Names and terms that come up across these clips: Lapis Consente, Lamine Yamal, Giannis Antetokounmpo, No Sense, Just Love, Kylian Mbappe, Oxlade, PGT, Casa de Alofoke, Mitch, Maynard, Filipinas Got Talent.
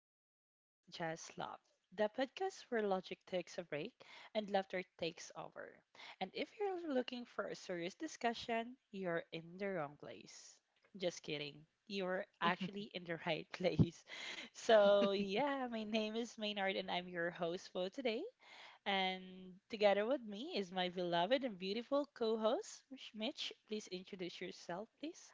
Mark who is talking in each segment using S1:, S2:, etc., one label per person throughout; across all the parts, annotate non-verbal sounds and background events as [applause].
S1: No Sense, Just Love, the podcast where logic takes a break and laughter takes over. And if you're looking for a serious discussion, you're in the wrong place. Just kidding. You're actually in the right [laughs] place. So, yeah, my name is Maynard and I'm your host for today. And together with me is my beloved and beautiful co host, Mitch. Please introduce yourself, please.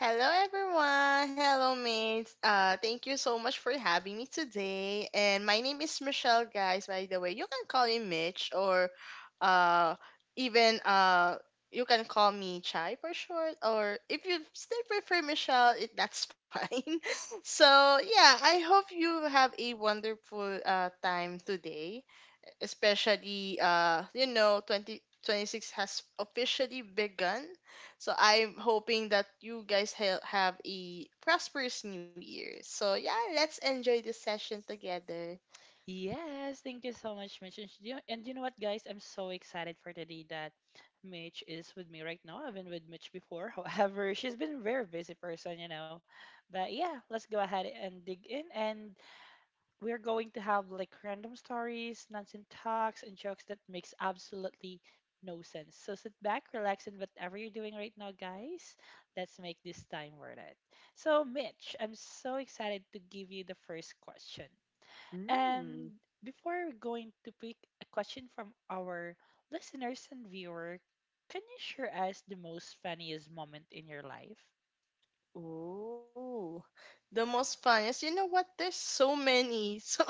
S2: Hello, everyone. Hello, mates. Thank you so much for having me today. And my name is Michelle, guys. By the way, you can call me Mitch or uh, even you can call me Chai for short. Or if you still prefer Michelle, that's [laughs] fine. So, yeah, I hope you have a wonderful time today, especially you know, 2026 has officially begun. So I'm hoping that you guys have a prosperous new year. So yeah, let's enjoy this session together.
S1: Yes, thank you so much, Mitch. And you know what, guys? I'm so excited for today that Mitch is with me right now. I've been with Mitch before. [laughs] However, she's been a very busy person, you know. But yeah, let's go ahead and dig in. And we're going to have like random stories, nonsense talks, and jokes that makes absolutely no sense. So sit back, relax, and whatever you're doing right now, guys, let's make this time worth it. So, Mitch, I'm so excited to give you the first question.
S2: Mm.
S1: And before going to pick a question from our listeners and viewer, can you share us the most funniest moment in your life?
S2: Ooh, the most fun is, you know what? There's so many, [laughs] so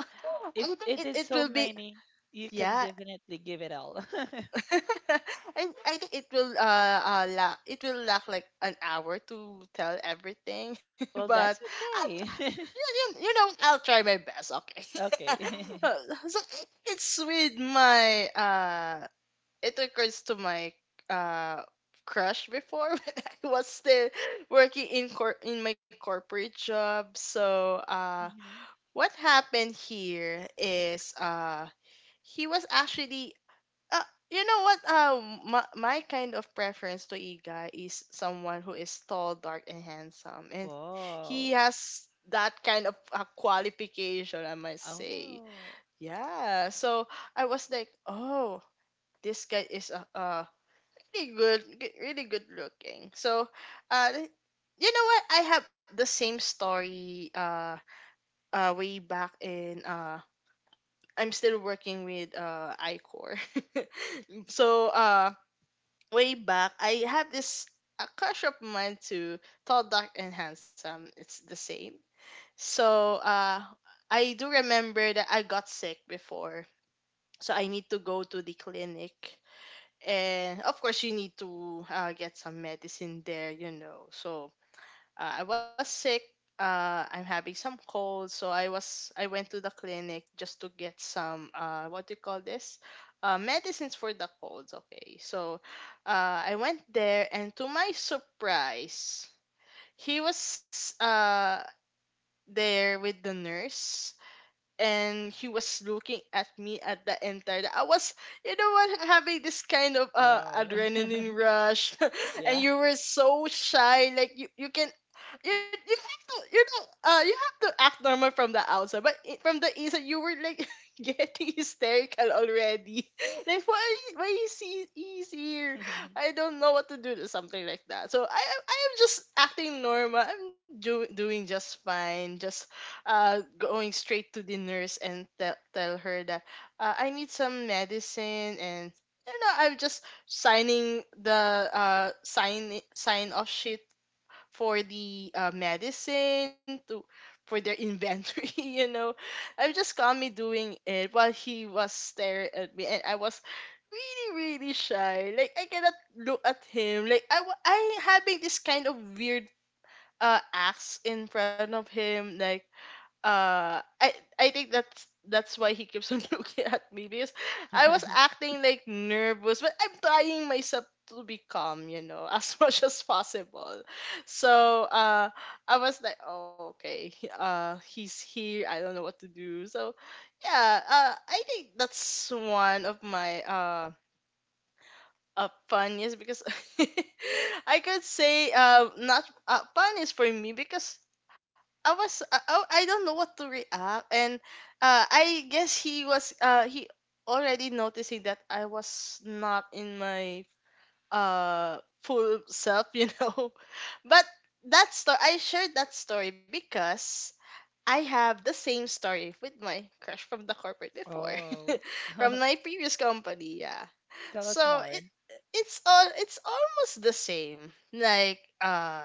S2: I
S1: If
S2: think
S1: it is
S2: it
S1: so
S2: will be,
S1: many, you can
S2: yeah,
S1: definitely give it all.
S2: [laughs] and I think it will it will lack like an hour to tell everything, [laughs]
S1: [laughs] Well,
S2: but
S1: that's
S2: I'll.
S1: okay.
S2: Yeah, you know, I'll try my best. Okay.
S1: [laughs] Okay. [laughs]
S2: [laughs] So it's with my it occurs to my uh crush before [laughs] when I was still working in in my corporate job. So
S1: Mhm.
S2: what happened here is he was actually uh, you know what? My, kind of preference to Iga is someone who is tall, dark, and handsome, and he
S1: Whoa.
S2: has that kind of qualification, I must say.
S1: Oh.
S2: Yeah. So I was like, oh, this guy is really really good looking. So, uh, th- you know what? I have the same story. Way back in. I'm still working with iCore. [laughs] So way back, I had this a crush of mine to tall, dark, and handsome. It's the same. So I do remember that I got sick before, so I need to go to the clinic, and of course you need to get some medicine there, you know. So I was sick. I'm having some cold, so I went to the clinic just to get some uh, what do you call this? Medicines for the colds. Okay, so I went there, and to my surprise, he was there with the nurse, and he was looking at me at the entire. I was, you know what, having this kind of
S1: Whoa.
S2: adrenaline
S1: [laughs]
S2: rush, [laughs] and
S1: Yeah.
S2: you were so shy, like you can. You have to, you know, you have to act normal from the outside, but from the inside you were like [laughs] getting hysterical already. [laughs] Like, why is he's here. I
S1: [laughs]
S2: don't know what to do to something like that. So I am just acting normal. I'm doing just fine, just going straight to the nurse and tell her that I need some medicine, and you know, I'm just signing the sign off sheet for the medicine to for their inventory. [laughs] You know, I'm just calmly doing it while he was staring at me, and I was really, really shy. Like, I cannot look at him. Like I having this kind of weird acts in front of him. Like, uh I I think that's why he keeps on [laughs] looking at me, because I was acting like nervous, but I'm trying myself to be calm, you know, as [laughs] much as possible. So I was like, oh, okay, he's here, I don't know what to do. So yeah, I think that's one of my funniest, because [laughs] I could say not fun is for me, because I was oh, I don't know what to react, and I guess he was he already noticing that I was not in my full self, you know. [laughs] But that story, I shared that story because I have the same story with my crush from the corporate before,
S1: Oh.
S2: [laughs] from my
S1: [laughs]
S2: previous company. Yeah,
S1: Tell us
S2: so
S1: more.
S2: it's all, it's almost the same. Like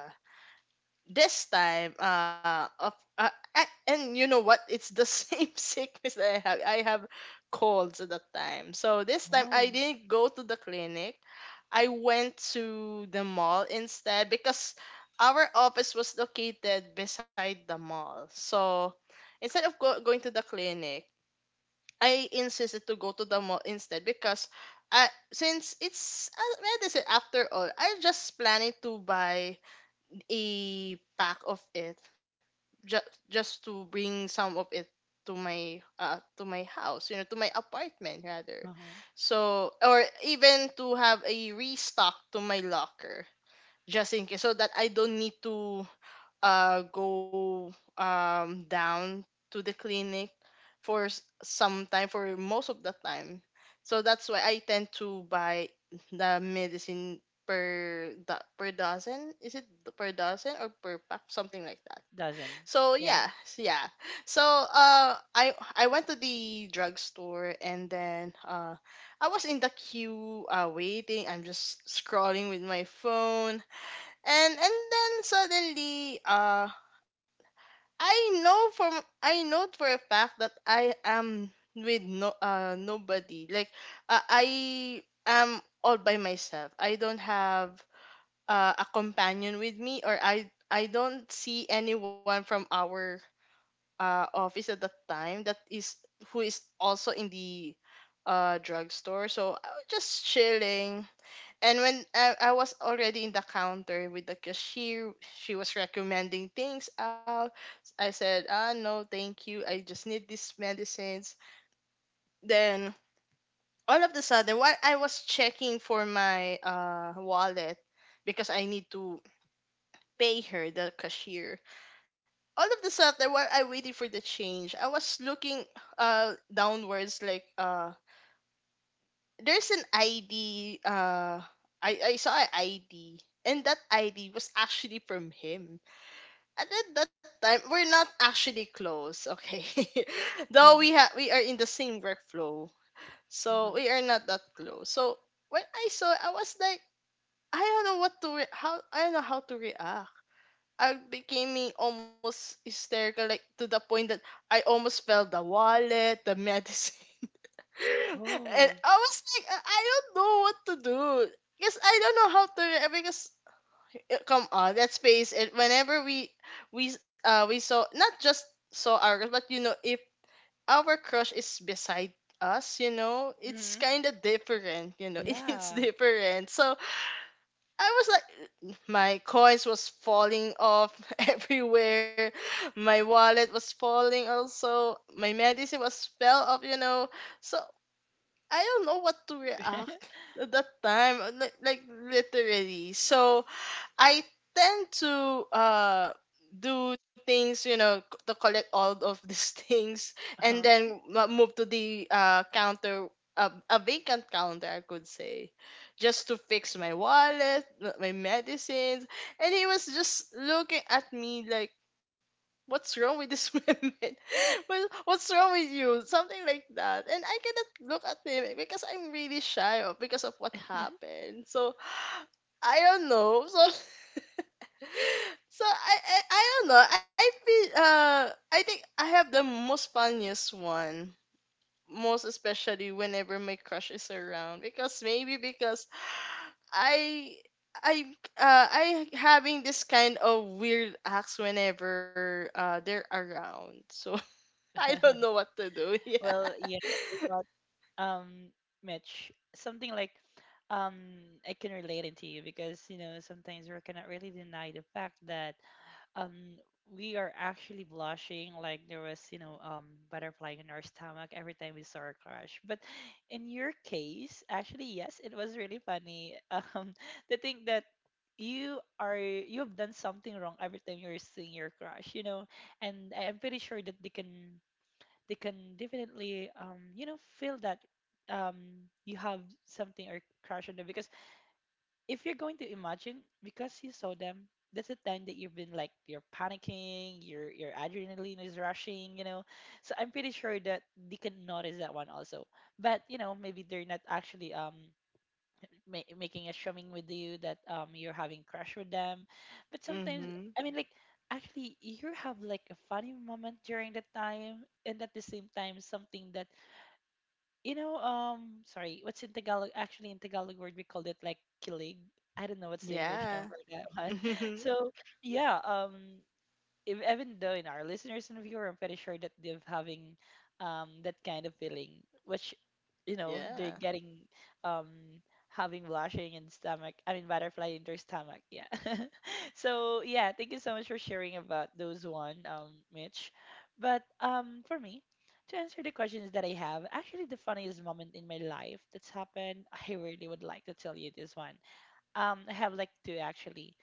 S2: this time uh, and you know what, it's the [laughs] same sickness that I have colds at that time. So this time I
S1: Oh.
S2: didn't go to the clinic, I went to the mall instead, because our office was located beside the mall. So instead of going to the clinic, I insisted to go to the mall instead, because I, since it's medicine after all, I just planning to buy a pack of it, just to bring some of it to my house, you know, to my apartment rather.
S1: Uh-huh.
S2: So, or even to have a restock to my locker, just in case, so that I don't need to go down to the clinic for s- some time for most of the time. So that's why I tend to buy the medicine per per dozen, is it per dozen or per pack, something like that.
S1: Doesn't.
S2: So yeah,
S1: Yeah.
S2: yeah. So I went to the drugstore, and then I was in the queue waiting, I'm just scrolling with my phone, and then suddenly, I know from I know for a fact that I am with no nobody. Like, I am all by myself. I don't have a companion with me, or I don't see anyone from our office at that time that is who is also in the drugstore. So I was just chilling, and when I was already in the counter with the cashier, she was recommending things out. I said, ah, no, thank you. I just need these medicines. Then all of the sudden, while I was checking for my wallet, because I need to pay her, the cashier, all of the sudden, while I waited for the change, I was looking downwards, like, there's an ID. I saw an ID, and that ID was actually from him. And at that time, we're not actually close, okay? [laughs] Though
S1: [laughs]
S2: we are in the same workflow, so we are not that close. So when I saw, I was like, I don't know how to react. I became almost hysterical, like to the point that I almost fell the wallet, the [laughs] medicine. [laughs] And
S1: Oh,
S2: I was like, I don't know what to do. Because I don't know how to because come on, let's face it. Whenever we saw, not just saw our crush, but you know, if our crush is beside us, you know, it's
S1: hmm,
S2: kinda different, you know, [laughs] it's
S1: yeah.
S2: different. So I was like, my coins was falling off [laughs] everywhere, my wallet was falling also, my medicine was fell off, you know. So I don't know what to react
S1: [laughs]
S2: at that time, like literally. So I tend to do things, you know, to collect all of these [laughs] things, and
S1: Uh-huh.
S2: then move to the counter, a vacant counter, I could say, just to fix my wallet, my medicines, and he was just looking at me like, what's wrong with these [laughs] women? Well, what's wrong with you? Something like that. And I cannot look at him because I'm really shy of, because of what happened. So I don't know. So [laughs] so I don't know. I feel I think I have the most funniest one. Most especially whenever my crush is around. Because maybe because I I I having this kind of weird acts whenever they're around. So I don't know
S1: [laughs]
S2: what to do.
S1: Well,
S2: [laughs]
S1: yeah, you know, um, Mitch, something like um, I can relate it to you because you know sometimes we cannot really deny the fact that um we are actually blushing like there was you know butterfly in our stomach every time we saw our crush. But in your case actually, yes, it was really funny. [laughs] To think that you have done something wrong every time you're seeing your crush, you know. And I am pretty sure that they can definitely you know feel that you have something or crush on them, because if you're going to imagine, because you saw them, that's the time that you've been like you're panicking, your adrenaline is rushing, you know. So I'm pretty sure that they can notice that one also. But you know, maybe they're not actually making a shaming with you that you're having crush with them. But
S2: Yeah.
S1: sometimes,
S2: Mhm.
S1: I mean like, actually you have like a funny moment during that time, and at the same time something that, you know, sorry, what's in Tagalog? Actually, in Tagalog word, we called it like kilig. I don't know what's the English term
S2: Yeah.
S1: for that [laughs]
S2: [laughs]
S1: one.
S2: Mhm.
S1: So, yeah, if, even though in our listeners and viewer, I'm pretty sure that they're having that kind of feeling, which you know
S2: Yeah.
S1: they're getting um having blushing in stomach, I mean butterfly in their stomach, yeah. [laughs] So yeah, thank you so much for sharing about those one, Mitch. But for me, to answer the questions that I have, actually the funniest moment in my life that's happened, [laughs] I really would like to tell you this one. I have like two actually.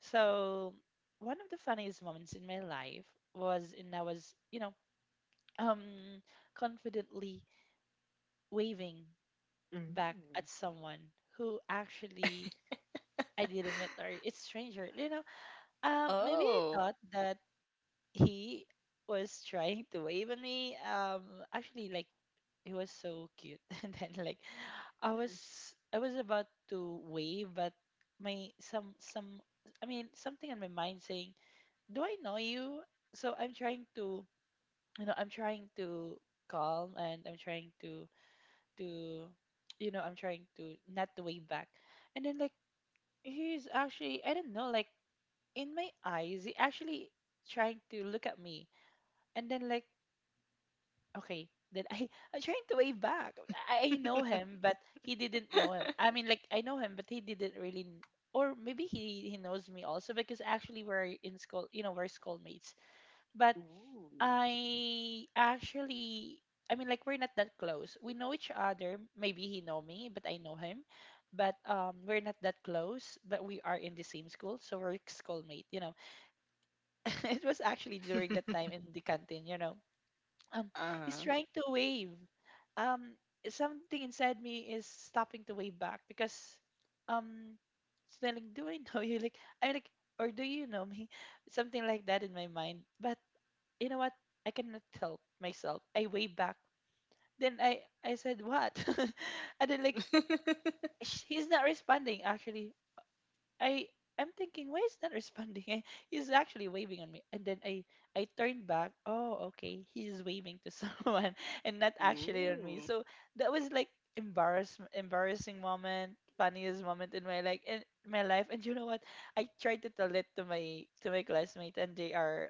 S1: So one of the funniest moments in my life was, and I was, you know, um confidently waving back at
S2: Mm.
S1: someone who actually I didn't meet, or it's stranger. You know, maybe I
S2: Oh.
S1: thought that he was trying to wave at me. Actually, like he was so cute, [laughs] and then like I was I was about to wave, but my something in my mind saying, "Do I know you?" So I'm trying to, you know, I'm trying to calm, and I'm trying to to you know, I'm trying to not to wave back. And then like he's actually, I don't know, like in my eyes he actually trying to look at me. And then like, okay, then I [laughs] I'm trying to wave back. I know
S2: [laughs]
S1: him but he didn't know him, I mean like I know him but he didn't really or maybe he knows me also, because actually we're in school, you know, we're schoolmates. But
S2: Ooh.
S1: I actually, I mean, like we're not that close. We know each other. Maybe he know me, but I know him. But we're not that close. But we are in the same school, so we're schoolmate. You know, [laughs] it was actually during that time in the canteen. You know, um, he's
S2: Uh-huh.
S1: trying to wave. Um, Something inside me is stopping to wave back because um, it's like, do I know you? Like, I'm like, or do you know me? [laughs] Something like that in my mind. But you know what? I cannot help myself. I wave back. Then I said what? [laughs] And then like
S2: [laughs]
S1: he's not responding actually. I am thinking, why is not responding? [laughs] He's actually waving on me. And then I turned back. Oh, okay. He's waving to [laughs] someone and not actually on me.
S2: Ooh.
S1: So that was like embarrassing moment, funniest moment in my like in my life. And you know what? I tried to tell it to my classmate and they are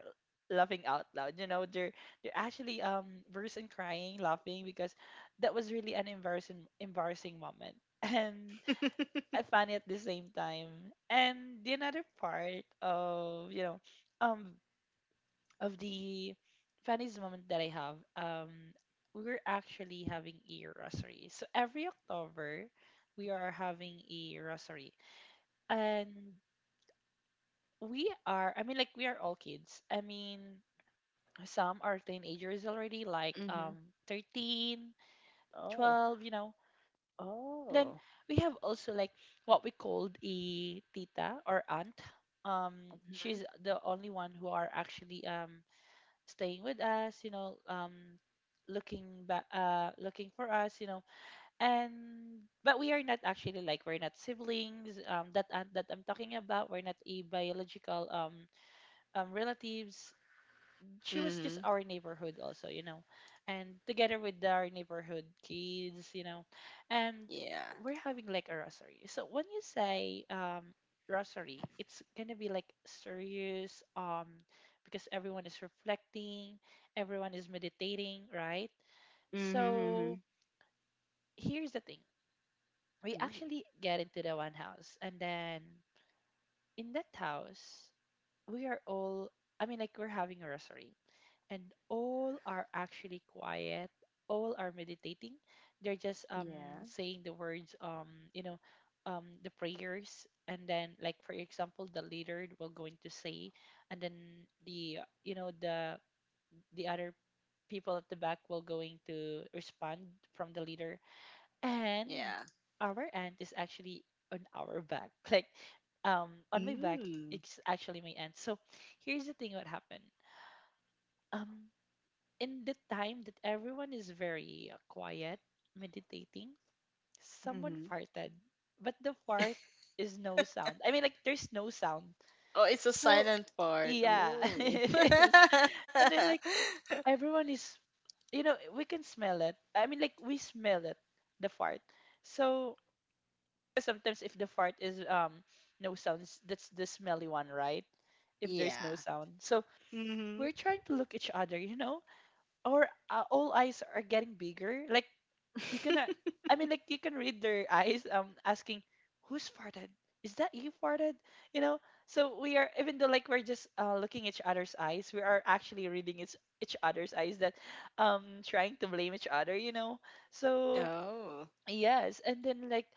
S1: laughing out loud. You know, they're actually bursting crying, laughing, because that was really an embarrassing moment. [laughs] And funny at the same time. And the another part of, you know, um, of the funniest moment that I have, we were actually having a rosary. So every October, we are having a rosary, and we are. I mean, like we are all kids. I mean, some are teenagers already, like
S2: Mhm.
S1: 13,
S2: Oh.
S1: 12, you know. Then
S2: Oh.
S1: we have also like what we called a tita or aunt.
S2: Mhm.
S1: She's the only one who are actually staying with us, you know, looking back looking for us, you know. And but we are not actually like we're not siblings. That aunt that I'm talking about, we're not a biological relatives. She was
S2: Mhm.
S1: just our neighborhood also, you know, and together with our neighborhood kids, you know, and
S2: Yeah.
S1: we're having like a rosary. So when you say rosary, it's gonna be like serious, because everyone is reflecting, everyone is meditating, right? So
S2: Mhm.
S1: here's the thing: we
S2: Mhm.
S1: actually get into the one house, and then in that house, we are all. I mean, like we're having a rosary, and all are actually quiet, all are meditating, they're just
S2: Yeah.
S1: saying the words, you know, the prayers. And then like, for example, the leader will going to say, and then the, you know, the other people at the back will going to respond from the leader. And
S2: Yeah.
S1: our aunt is actually on our back [laughs] like on my back,
S2: Mm.
S1: it's actually my aunt. So here's the thing, what happened. Um in the time that everyone is very quiet, meditating, someone
S2: Mhm.
S1: farted. But the fart is no sound. I mean, like, there's no sound.
S2: Oh, it's a
S1: So,
S2: silent part.
S1: yeah, [laughs]
S2: Ooh. [laughs]
S1: it is. And then, like, everyone is, you know, we can smell it. I mean, like, we smell it, the fart. So, sometimes if the fart is no sounds, that's the smelly one, right? If there's no
S2: Yeah.
S1: sound. So,
S2: Mhm.
S1: we're trying to look each other, you know? Our all eyes are getting bigger. Like you cannot, I mean like you can read their eyes asking who's farted, is that you farted, you know. So we are, even though like we're just looking each other's eyes, we are actually reading each other's eyes that trying to blame each other, you know. So
S2: Oh.
S1: yes, and then like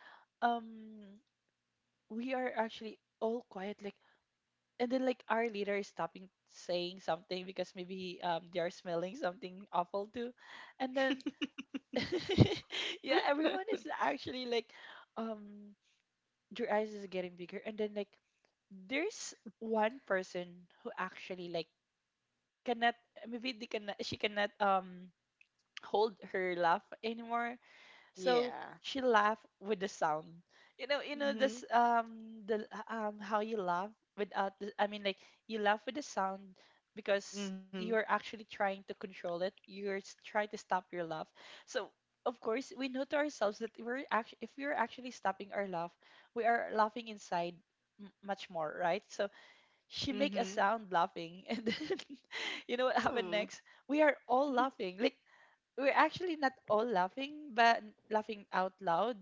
S1: um we are actually all quiet like. And then like our leader is stopping saying something because maybe they are smelling something awful too. And then [laughs] yeah,
S2: [laughs]
S1: everyone is actually like, um, their eyes is getting bigger, and then like, there's one person who actually like cannot, maybe they cannot, she cannot hold her laugh anymore, so
S2: Yeah.
S1: she laughed with the sound. You know this
S2: Mhm.
S1: the how you laugh without the, I mean like you laugh with the sound because
S2: Mhm.
S1: you're actually trying to control it. You're trying to stop your laugh. So of course we know to ourselves that we're actually if we're actually stopping our laugh, we are laughing inside much more, right? So she make a
S2: Mhm.
S1: sound laughing [laughs] and then [laughs] you know what happened
S2: Ooh.
S1: next? We are all laughing. Like we're actually not all laughing, but laughing out loud,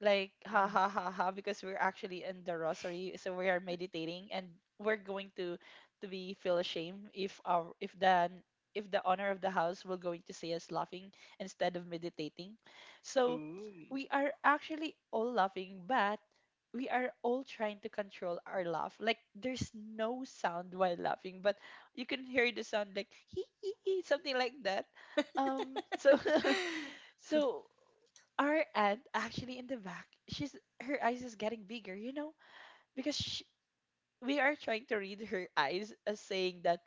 S1: like ha
S2: Mm.
S1: ha ha ha, because we're actually in the rosary, so we are meditating, and we're going to be feel ashamed if our if the honor of the house will going to see us laughing instead of meditating. So
S2: Ooh.
S1: we are actually all laughing, but we are all trying to control our laugh. Like there's no sound while laughing, but you can hear the sound like [laughs] hee hee hee, something like that um, so
S2: [laughs]
S1: [laughs] so our aunt actually in the back, she's her eyes is getting bigger, you know, because she, we are trying to read her eyes as saying that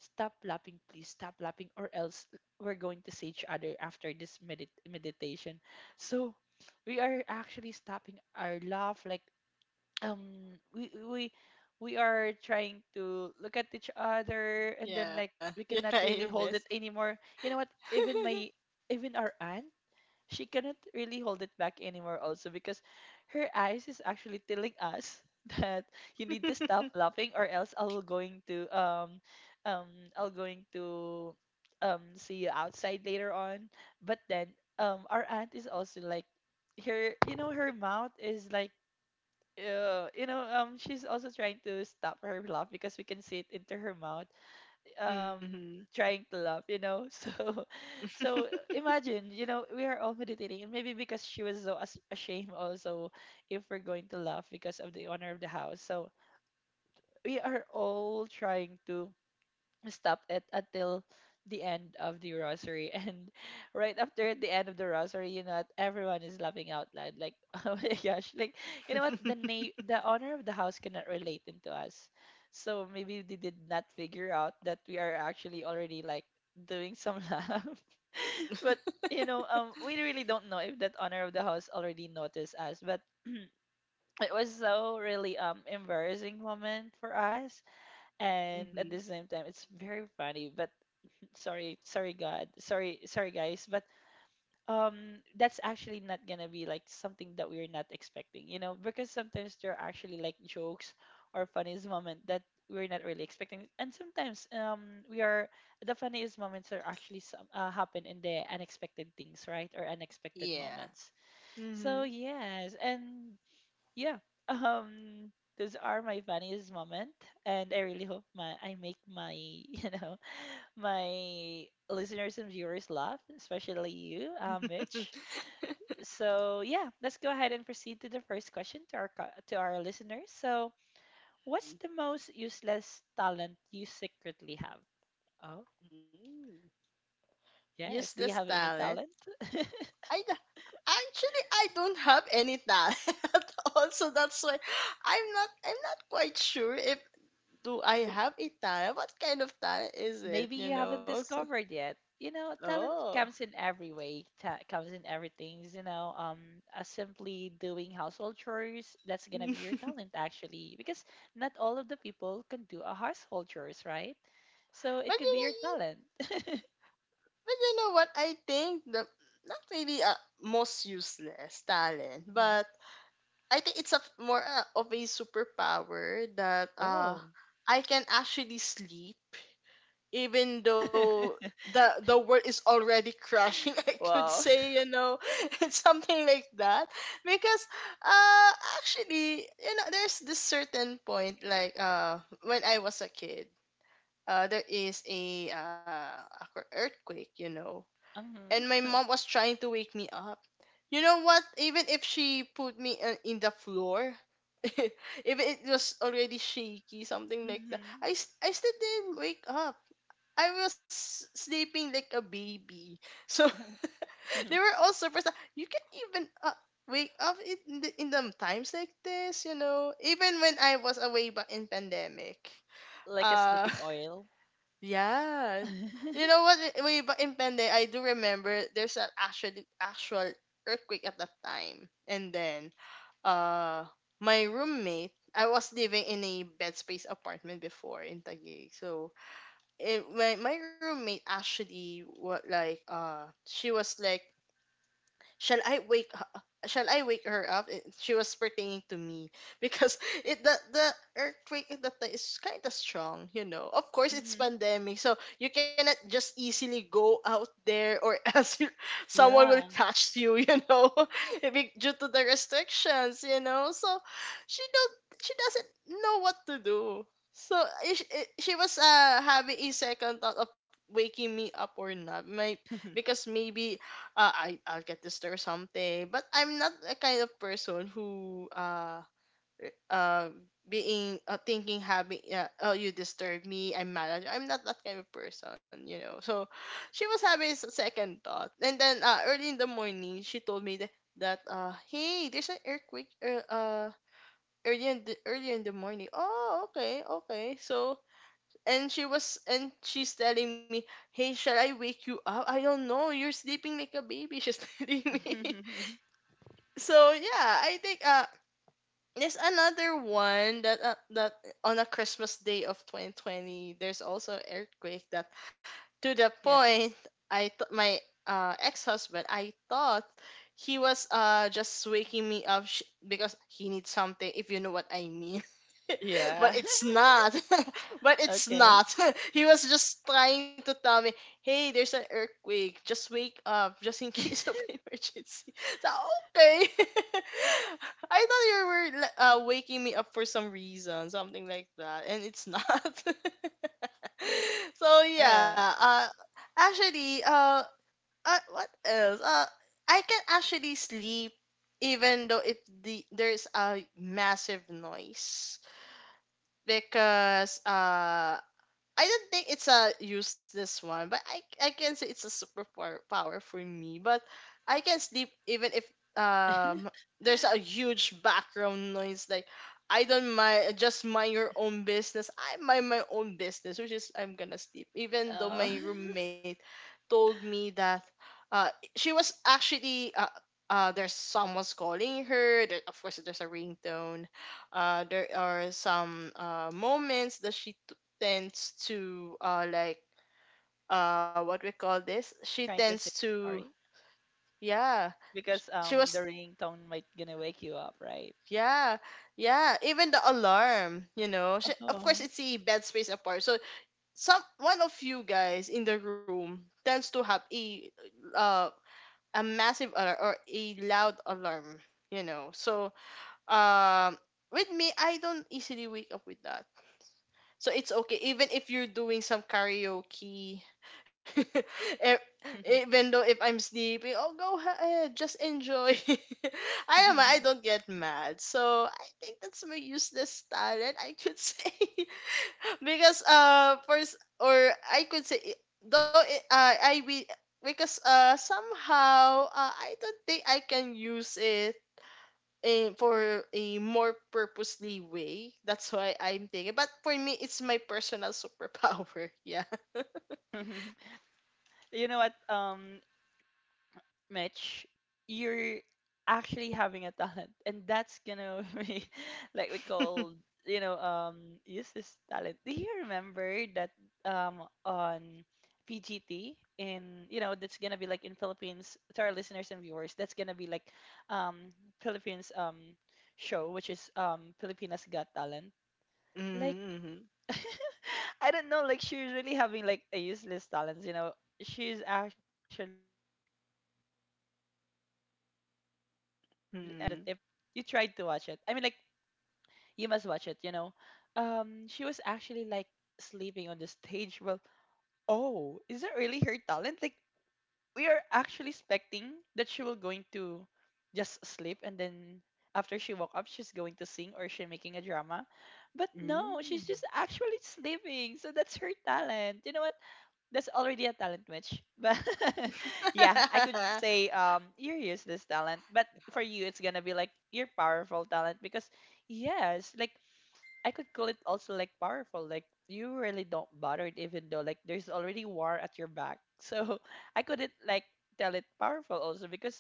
S1: stop lapping, please stop lapping, or else we're going to see each other after this meditation. So we are actually stopping our laugh, like we we are trying to look at each other and then like
S2: Yeah.
S1: we
S2: You're
S1: cannot
S2: trying your
S1: really
S2: best.
S1: hold it anymore, you know what, even our aunt she cannot really hold it back anymore also because her eyes is actually telling us [laughs] that you need to stop
S2: [laughs]
S1: laughing or else I'll going to um I'll going to see you outside later on. But then our aunt is also like her, you know, her mouth is like, yeah, you know, she's also trying to stop her laugh because we can see it into her mouth. Um,
S2: Mhm.
S1: trying to laugh, you know. [laughs] So, so imagine, you know, we are all meditating, and maybe because she was so ashamed also if we're going to laugh because of the honor of the house. So we are all trying to stop it until the end of the rosary [laughs] and right after the end of the rosary, you know what, everyone is laughing out loud like [laughs] oh my gosh, like, you know what,
S2: [laughs]
S1: the owner of the house cannot relate into us. So maybe they did not figure out that we are actually already like doing some [laughs] laugh. But you know, we really don't know if that owner of the house already noticed us, but it was so really embarrassing moment for us, and at the
S2: Mhm.
S1: same time it's very funny. But sorry, sorry, God, sorry, sorry, guys, but that's actually not gonna be like something that we're not expecting, you know, because sometimes there are actually like jokes or funniest moment that we're not really expecting. And sometimes we are the funniest moments are actually some happen in the unexpected things, right, or unexpected
S2: Yeah.
S1: moments. So
S2: Mhm.
S1: yes, and yeah, [laughs] um those are my funniest moment, and I really hope my I make my [laughs] my listeners and viewers love, especially you, Mitch. So yeah, let's go ahead and proceed to the first question to our to our listeners. So, what's the most useless talent you secretly have? Oh,
S2: Mm.
S1: yes.
S2: Useless
S1: Do you have any
S2: talent.
S1: talent?
S2: I d- Actually I don't have any talent [laughs] at all, so that's why I'm not, I'm not quite sure if, do I have a talent? What kind of talent is it?
S1: Maybe
S2: You
S1: you
S2: know?
S1: haven't
S2: So,
S1: discovered yet. You know, talent
S2: oh.
S1: comes in every way. Comes in everything. You know, simply doing household chores, that's gonna be your
S2: [laughs]
S1: talent actually, because not all of the people can do a household chores, right? So
S2: But
S1: it
S2: you
S1: could be your
S2: know,
S1: talent.
S2: But you know what? I think the, not really a most useless talent,
S1: Mhm.
S2: but I think it's a more of a superpower that
S1: Whoa.
S2: I can actually sleep even though
S1: [laughs]
S2: the world is already crashing. [laughs] I could
S1: Wow.
S2: say, you know, [laughs] it's something like that. Because uh actually you know, there's this certain point, like when I was a kid, there is a earthquake, you know, and
S1: Mhm.
S2: my
S1: [laughs]
S2: mom was trying to wake me up. You know what? Even if she put me in the floor, [laughs] even it was already shaky, something like that,
S1: Mhm.
S2: I still didn't wake up. I was sleeping like a baby. So [laughs] they were
S1: [laughs]
S2: all surprised. That you can even wake up in the times like this, you know. Even when I was away back in pandemic,
S1: Like a
S2: uh,
S1: sleeping
S2: [laughs]
S1: oil.
S2: yeah. You
S1: [laughs]
S2: know what? Way back in Pende, I do remember there's an actual earthquake at that time. And then uh my roommate, I was living in a bed space apartment before in Taguig. So it, my roommate actually what like she was like, shall I wake shall I wake her up? She was pertaining to me because [laughs] it the earthquake at that time is kind of strong, you know. Of course, it's
S1: Mhm.
S2: pandemic, so you cannot just easily go out there, or [laughs] else you, someone will
S1: Yeah.
S2: catch you, you know, [laughs] due to the restrictions, you know. So she don't she doesn't know what to do. So she was having a second thought of waking me up or not. My Because
S1: [laughs]
S2: maybe I'll get this or something. But I'm not the kind of person who r- uh being thinking, having oh, you disturb me, I'm mad at you. I'm not that kind of person, you know. So she was having second thought, and then early in the morning she told me that, that hey, there's an earthquake early in the morning. Oh, okay, okay. So and she was and she's telling me, hey, shall I wake you up? I don't know, you're sleeping like a baby. [laughs] She's telling me.
S1: Mhm.
S2: So yeah, I think there's another one that that on a Christmas day of 2020 there's also earthquake that,
S1: Yes.
S2: to the point I thought my ex-husband, I thought he was just waking me up because he needs something, if you know what I mean. [laughs]
S1: Yeah.
S2: But it's
S1: [laughs]
S2: not. [laughs] But it's
S1: Okay.
S2: not. [laughs] He was just trying to tell me, "Hey, there's an earthquake. Just wake up just in case of [laughs]
S1: [laughs]
S2: emergency." So, okay. [laughs] I thought you were like, waking me up for some reason, something like that, and it's not. [laughs] So yeah,
S1: Yeah.
S2: actually, what else? I can actually sleep even though if there's a massive noise, because I don't think it's a useless one, but I can say it's a superpower power for me. But I can sleep even if um there's a huge background noise. Like, I don't mind, just mind your own business. I mind my own business, which is I'm gonna sleep. Even though
S1: Uh, [laughs]
S2: my roommate told me that uh she was actually. There's someone's calling her. There, of course, there's a ringtone. There are some moments that she tends to what we call this, she
S1: trying to
S2: tends
S1: say
S2: to,
S1: sorry,
S2: yeah.
S1: because
S2: She
S1: the
S2: was,
S1: ringtone might gonna wake you up, right?
S2: yeah, yeah, even the alarm, you know. Of course,
S1: Oh. [laughs]
S2: it's a bed space apart, so some one of you guys in the room tends to have uh a massive alarm or a loud alarm, you know. So um with me, I don't easily wake up with that. So it's okay even if you're doing some karaoke. [laughs] E- even though if I'm sleeping, oh, go ahead, just enjoy. [laughs] I don't get mad. So I think that's my useless talent, I could say. [laughs] Because first or I could say I- though it, I we because somehow I don't think I can use it for a more purposely way. That's why I'm thinking. But for me, it's my personal superpower. [laughs] Yeah.
S1: [laughs] You know what? Mitch, you're actually having a talent, and that's gonna [laughs] be like we call, you know, use this talent. Do you remember that on PGT? In, you know, that's gonna be like in Philippines, to our listeners and viewers, that's gonna be like, um Philippines show, which is Filipinas Got Talent. Like
S2: Mm-hmm.
S1: [laughs] I don't know. Like she's really having like a useless talent. You know, she's actually only sleeping. I don't know if you have watched that episode.
S2: Hmm.
S1: You tried to watch it. I mean, like, you must watch it. You know, she was actually like sleeping on the stage. Well, oh, is that really her talent? Like we are actually expecting that she will going to just sleep and then after she woke up she's going to sing or she making a drama. But no,
S2: Mm.
S1: she's just actually sleeping. So that's her talent, you know what, that's already a talent match, but [laughs] yeah, I could
S2: [laughs]
S1: say you're useless talent, but for you it's gonna be like your powerful talent, because yes, like, I could call it also like powerful. Like you really don't bother it, even though like there's already war at your back. So [laughs] I couldn't like tell it powerful also, because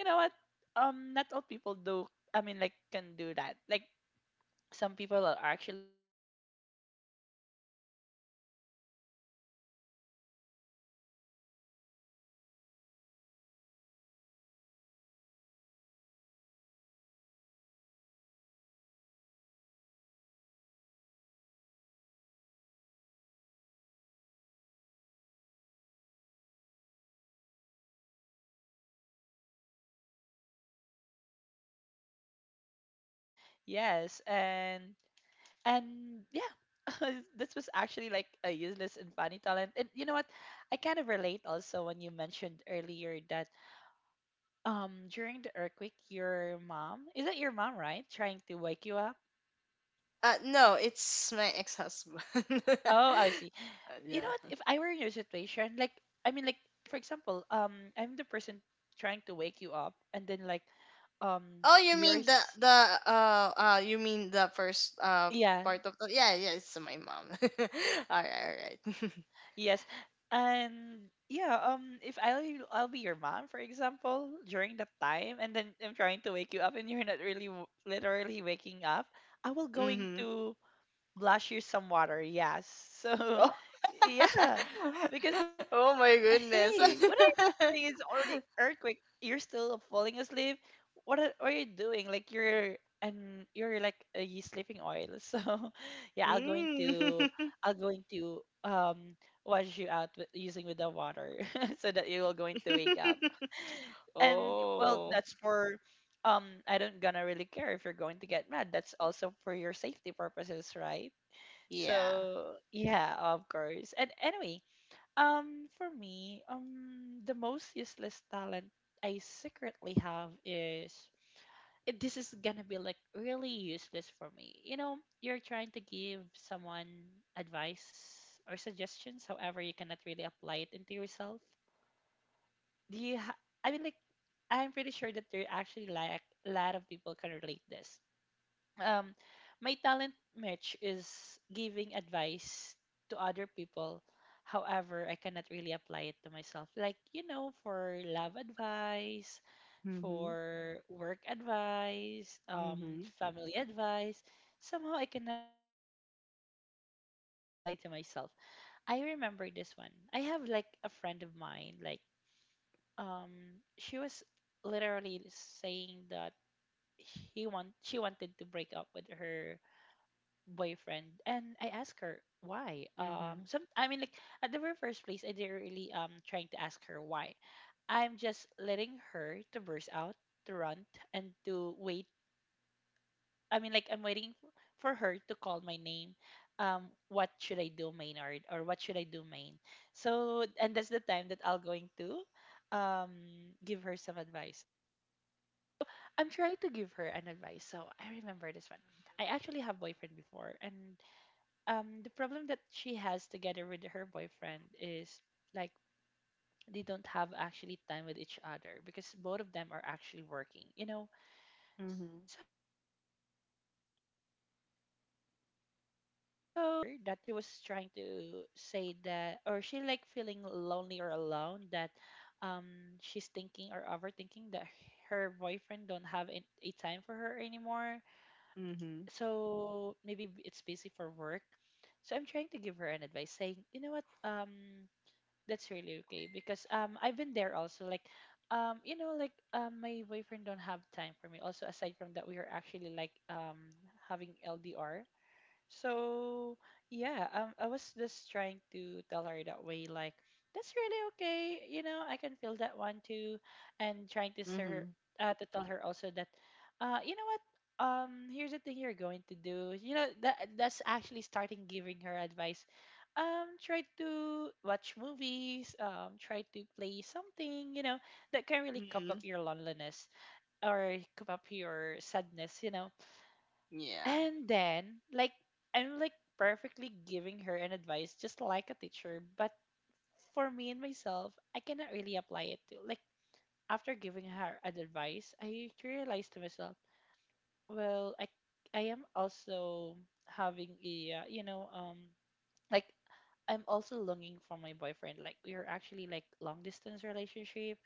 S1: you know what? Not all people do, I mean, like, can do that. Like some people are actually just heard the ring alarm from the, you know, if you're actually in the inside of the sleeping quarter, if you just heard the ring of other people, you're going to wake up also, and then you're not going to get back on sleeping. And that's really hard if we cannot get back in sleeping, right? So for you, that is something that is, yes, I could say it's powerful also, at least because you can make, or you can definitely gain a lot of energy right after you're sleeping, right? Yes, and yeah, [laughs] this was actually like a useless and funny talent, and you know what, I kind of relate also when you mentioned earlier that during the earthquake your mom, is that your mom, right, trying to wake you up?
S2: no, it's my ex-husband. [laughs]
S1: Oh, I see. You know
S2: Yeah.
S1: what, if I were in your situation, like, I mean, like, for example, I'm the person trying to wake you up, and then like um
S2: Oh, you mean
S1: yours,
S2: the you mean the first
S1: yeah.
S2: part of the, yeah, yeah, it's my mom. [laughs] All right, all right. [laughs]
S1: Yes. And yeah, if I'll I'll be your mom, for example, during that time, and then I'm trying to wake you up, and you're not really literally waking up, I will going
S2: Mhm.
S1: to blush you some water. Yes. So
S2: Oh.
S1: [laughs] yeah. Because
S2: [laughs] Oh, my goodness.
S1: hey, what are you doing? It's already earthquake. You're still falling asleep. What are you doing? Like you're, and you're like, you sleeping oil. [laughs] So yeah, I'll
S2: [laughs]
S1: going to
S2: Mm.
S1: I'll
S2: [laughs]
S1: going to um wash you out with, using with the water, [laughs] so that you will going to wake up.
S2: [laughs]
S1: And well, that's
S2: Oh,
S1: for I don't gonna really care if you're going to get mad. That's also for your safety purposes, right?
S2: yeah.
S1: So yeah, of course. And anyway, for me, the most useless talent I secretly have is it, this is gonna be like really useless for me. You know, you're trying to give someone advice or suggestions, however, you cannot really apply it into yourself. Do you? I mean, like, I'm pretty sure that there actually like a lot of people can relate this, um, my talent match is giving advice to other people. However, I cannot really apply it to myself. Like, you know, for love advice,
S2: Mm-hmm.
S1: for work advice,
S2: Mm-hmm.
S1: family advice, somehow I cannot really apply to myself. I remember this one. I have like a friend of mine, like, she was literally saying that he want she wanted to break up with her boyfriend, and I asked her why.
S2: Mm-hmm.
S1: Some I mean, like, at the very first place I didn't really trying to ask her why. I'm just letting her to burst out, to run and to wait. I mean, like, I'm waiting for her to call my name. What should I do, Maynard, or what should I do, Main? So and that's the time that I'll going to um give her some advice. I'm trying to give her an advice. So I remember this one. I actually have boyfriend before, and the problem that she has together with her boyfriend is like they don't have actually time with each other, because both of them are actually working, you know,
S2: Mm-hmm.
S1: so well, i'm, I'm kind of relate for her that she was trying to say that, or she like feeling lonely or alone, that um she's thinking or overthinking that her boyfriend don't have a time for her anymore,
S2: Mm-hmm.
S1: so maybe it's busy for work. So I'm trying to give her an advice saying, you know what, that's really okay, because I've been there also, like, you know, like, my boyfriend don't have time for me also, aside from that we are actually like having LDR, so yeah, I was just trying to tell her that way, like, that's really okay. You know, I can feel that one too, and trying to sir,
S2: Mm-hmm.
S1: to tell her also that, you know what, here's the thing you're going to do. You know that, that's actually starting giving her advice. Try to watch movies. Try to play something. You know that can really cup up
S2: Mm-hmm.
S1: your loneliness or cup up your sadness. You know,
S2: Yeah.
S1: and then, like, I'm like perfectly giving her an advice, just like a teacher. But for me and myself, I cannot really apply it to. Like, after giving her an advice, I realized to myself, well, I am also having a, like, I'm also longing for my boyfriend. Like, we're actually like long distance relationship.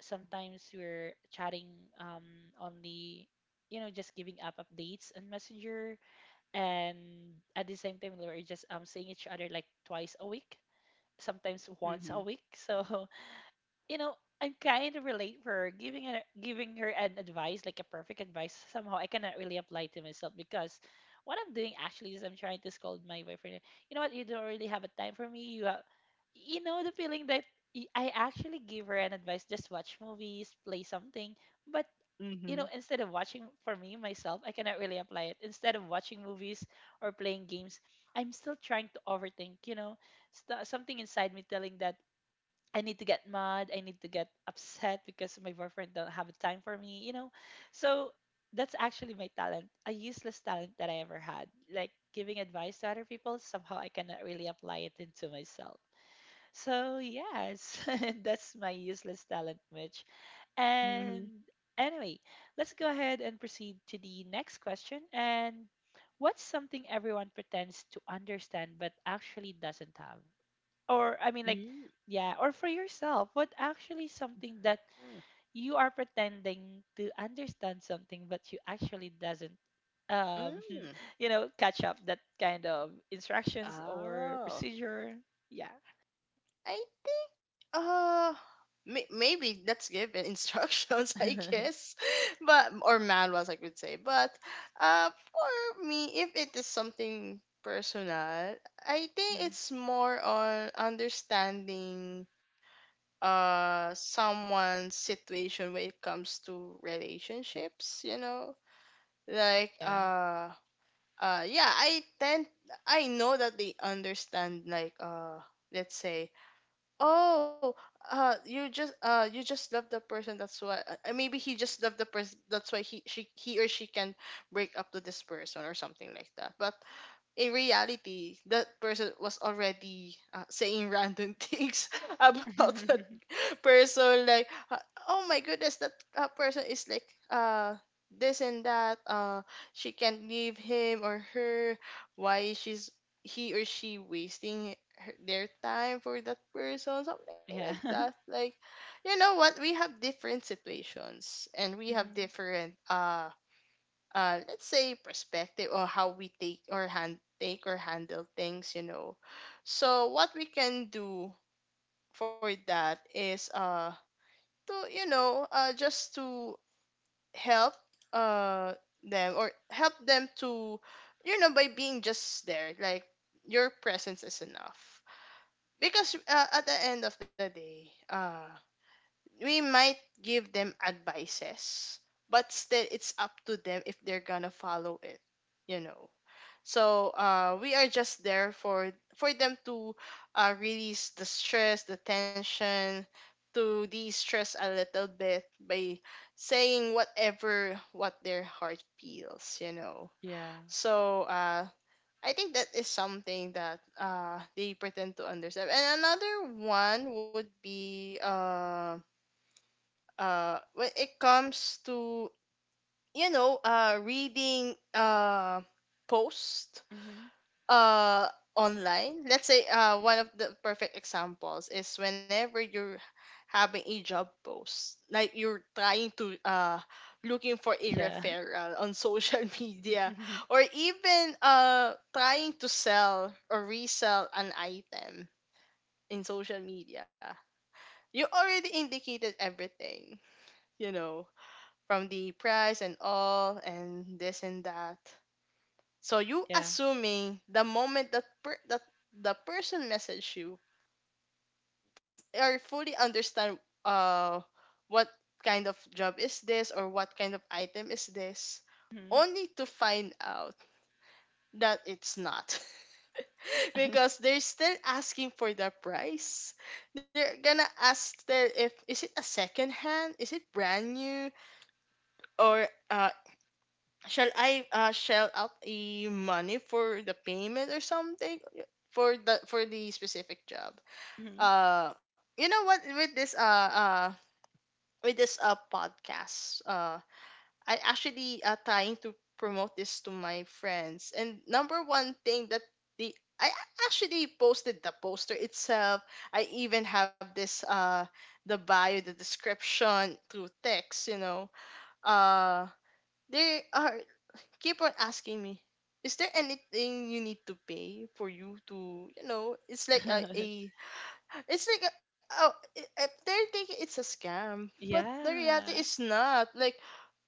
S1: Sometimes we're chatting, um, only, just giving up updates and Messenger and at the same time we're just seeing each other like twice a week, sometimes once a
S2: Mm-hmm.
S1: week so [laughs] you know I kind of relate her giving her an advice, like a perfect advice, somehow I cannot really apply to myself, because what I'm doing actually is I'm trying to scold my boyfriend. You know what, you don't really have a time for me, you have, you know, the feeling that I actually give her an advice, just watch movies, play something. But you know,
S2: Mm-hmm.
S1: instead of watching, for me myself, I cannot really apply it. Instead of watching movies or playing games, I'm still trying to overthink, you know, something inside me telling that I need to get mad, I need to get upset because my boyfriend don't have time for me, you know. So that's actually my talent, a useless talent that I ever had. Like giving advice to other people, somehow I cannot really apply it into myself. So yes, [laughs] that's my useless talent, Mitch. And
S2: Mm-hmm.
S1: anyway, let's go ahead and proceed to the next question. And what's something everyone pretends to understand but actually doesn't have? Or, I mean, like,
S2: Mm-hmm.
S1: yeah, or for yourself, what actually something that you are pretending to understand something but you actually doesn't um
S2: Mm,
S1: [laughs]
S2: mm.
S1: catch up that kind of instructions or
S2: Oh,
S1: procedure. Yeah.
S2: I think may- maybe let's give an [laughs] instructions, I
S1: [laughs]
S2: guess, [laughs] but or manuals, I could say, but for me, if it is something personal, I think it's more on understanding someone's situation when it comes to relationships, you know. Like
S1: Yeah.
S2: yeah, I tend, I know that they understand, like, let's say, oh, you just love the person. That's why. Maybe he just loved the person. That's why he or she can break up to this person or something like that. But in reality, that person was already saying random [laughs] things
S1: Yeah.
S2: about that
S1: [laughs]
S2: person. Like, oh, my goodness, that person is like uh this and that. She can't leave him or her. Why she's he or she wasting her, their time for that person? Something
S1: Yeah.
S2: like that. Like, you know what? We have different situations, and
S1: [laughs]
S2: we have
S1: Mhm.
S2: different let's say perspective, or how we take or hand take or handle things, you know. So what we can do for that is to you know just to help uh them, or help them to, you know, by being just there, like your presence is enough. Because at the end of the day we might give them advices, but still it's up to them if they're gonna follow it, you know. So we are just there for them to release the stress, the tension, to de-stress a little bit by saying whatever what their heart feels, you know.
S1: Yeah.
S2: So I think that is something that they pretend to understand. And another one would be when it comes to, you know, reading posts uh online. Let's say one of the perfect examples is whenever you're having a job post, like you're trying to looking for a
S1: Yeah.
S2: referral on social [laughs] media,
S1: [laughs]
S2: or even trying to sell or resell an item in social media. You already indicated everything, you know, from the price and all, and this and that. So you
S1: Yeah.
S2: assuming the moment that that the person messaged you or fully understand uh what kind of job is this or what kind of item is this,
S1: Mhm.
S2: only to find out that it's not, [laughs] because
S1: [laughs]
S2: they're still asking for the price. They're gonna ask still if is it a second hand, is it brand new, or shall I shell out a money for the payment or something for the specific job?
S1: Mhm.
S2: Uh, you know what? With this podcast, I actually trying to promote this to my friends. And number one thing that the actually posted the poster itself. I even have this the bio, the description through text. You know, uh they are keep on asking me, is there anything you need to pay for, you to, you know. It's like a,
S1: [laughs]
S2: it's like a, oh, they're thinking it's a scam, but the reality
S1: Yeah.
S2: is not. Like,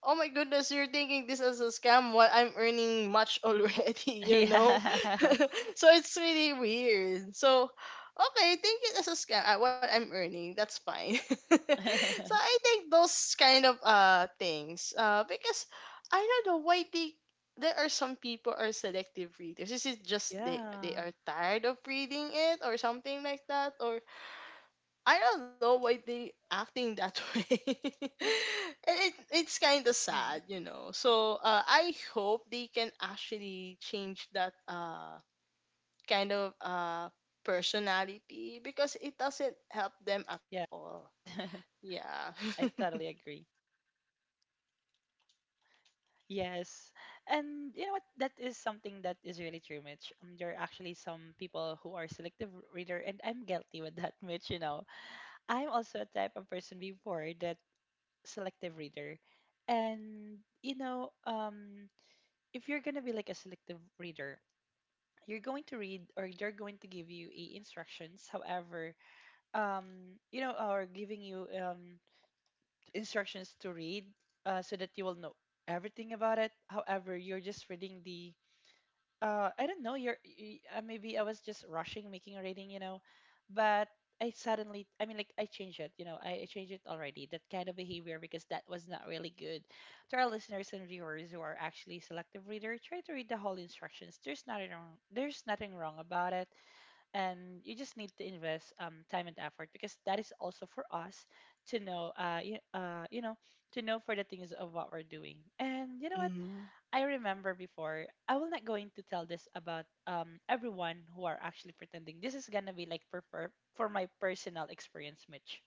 S2: oh, my goodness, you're taking this as a scam while I'm earning much already,
S1: [laughs]
S2: [laughs] you know?
S1: Yeah.
S2: [laughs] So it's really weird. So, okay, take it as a scam, what I'm earning, that's fine. [laughs] So I
S1: [laughs]
S2: think those kind of things, because I don't know why there are some people are selective readers. Is it just they
S1: Yeah.
S2: are tired of reading it or something like that? I don't know why they acting that [laughs] way.
S1: Mhm.
S2: And it's kind of sad, you know. So I hope they can actually change that
S1: Yeah.
S2: kind of uh,
S1: [laughs]
S2: personality, because it doesn't
S1: I
S2: help
S1: totally
S2: them at
S1: agree.
S2: all. Yeah. [laughs]
S1: Yes. And you know what? That is something that is really true, Mitch. There are actually some people who are selective reader, and I'm guilty with that, [laughs] Mitch. You know, I'm also a type of person before that, selective reader. And, you know, if you're going to be like a selective reader, you're going to read, or they're going to give you a instructions. However, or giving you instructions to read, so that you will know everything about it. However, you're just reading the I don't know. Maybe I was just rushing making a rating, you know, but I suddenly, I mean, like I changed it, you know, I changed it already. That kind of behavior, because that was not really good. To our listeners and viewers who are actually selective reader, try to read the whole instructions. There's nothing wrong. There's nothing wrong about it, and you just need to invest time and effort, because that is also for us to know, you know, to know for the things of what we're doing. And you know what?
S2: Mm-hmm.
S1: I remember before, I will not going to tell this about everyone who are actually pretending. This is gonna be like for my personal experience, Mitch.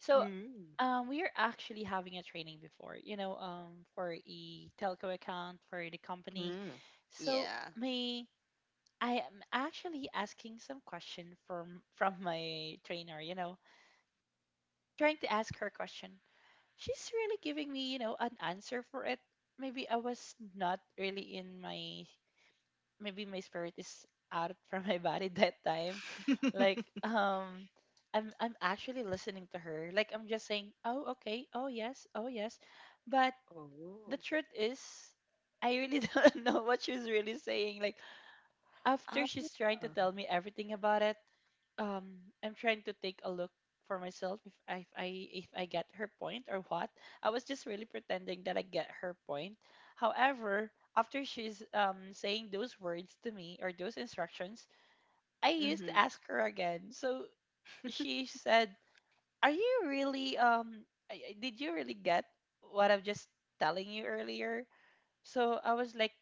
S1: So we are actually having a training before, you know, for a telco account for the company.
S2: Mm.
S1: So
S2: Yeah.
S1: my I am actually asking some question from my trainer, you know, trying to ask her question. She's really giving me, you know, an answer for it. Maybe I was not really in my, maybe my spirit is out [laughs] from my body that time. Like I'm actually listening to her. Like I'm just saying, "Oh, okay. Oh, yes. Oh, yes." But the
S2: Oh.
S1: truth is I really [laughs] don't know what she's really saying. Like after
S2: Uh,
S1: she's trying to tell me everything about it, I'm trying to take a look for myself, if I get her point or what. I was just really pretending that I get her point. However, after she's saying those words to me or those instructions, I used to
S2: mm-hmm.
S1: ask her again. So she said, "Are you really did you really get what I'm just telling you earlier?" So I was like,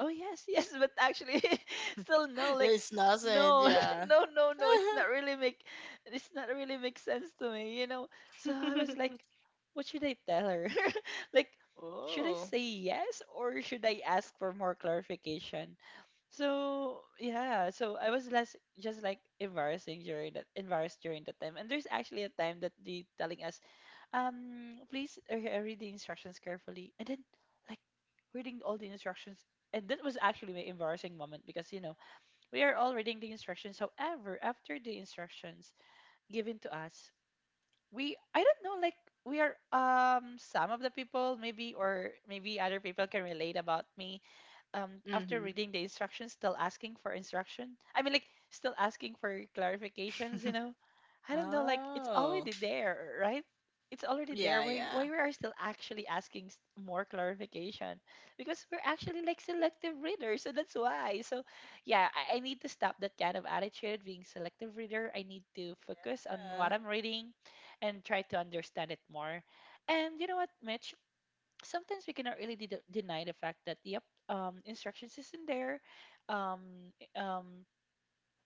S1: "Oh yes, [laughs] yes, but actually [laughs] still no," like,
S2: There's nothing.
S1: "no,
S2: Yeah.
S1: [laughs] no, no, no. It's not really make it's not really make sense to me, you know." So I was
S2: [laughs]
S1: like, what should I tell her? [laughs] Like, should I
S2: Oh.
S1: say yes or should I ask for more clarification? So yeah, so I was less just like embarrassing during that embarrassed during that time. And there's actually a time that they telling us, please read the instructions carefully." And then, like, reading all the instructions. And that was actually my embarrassing moment, because, you know, we are all reading the instructions. However, after the instructions given to us, we, I don't know, like, we are, some of the people, maybe, or maybe other people can relate about me, after
S2: Mm-hmm.
S1: reading the instructions, still asking for instruction, I mean, like, still asking for clarifications, you know. I don't know, like, it's
S2: Oh.
S1: already there, right? It's already
S2: Yeah,
S1: there,
S2: yeah.
S1: why we are still actually asking more clarification? Because we're actually like selective readers, so that's why. So yeah, I need to stop that kind of attitude, being selective reader. I need to focus on
S2: Yeah.
S1: what I'm reading and try to understand it more. And you know what, Mitch, sometimes we cannot really deny the fact that, yep, instructions is in there, um, i- um,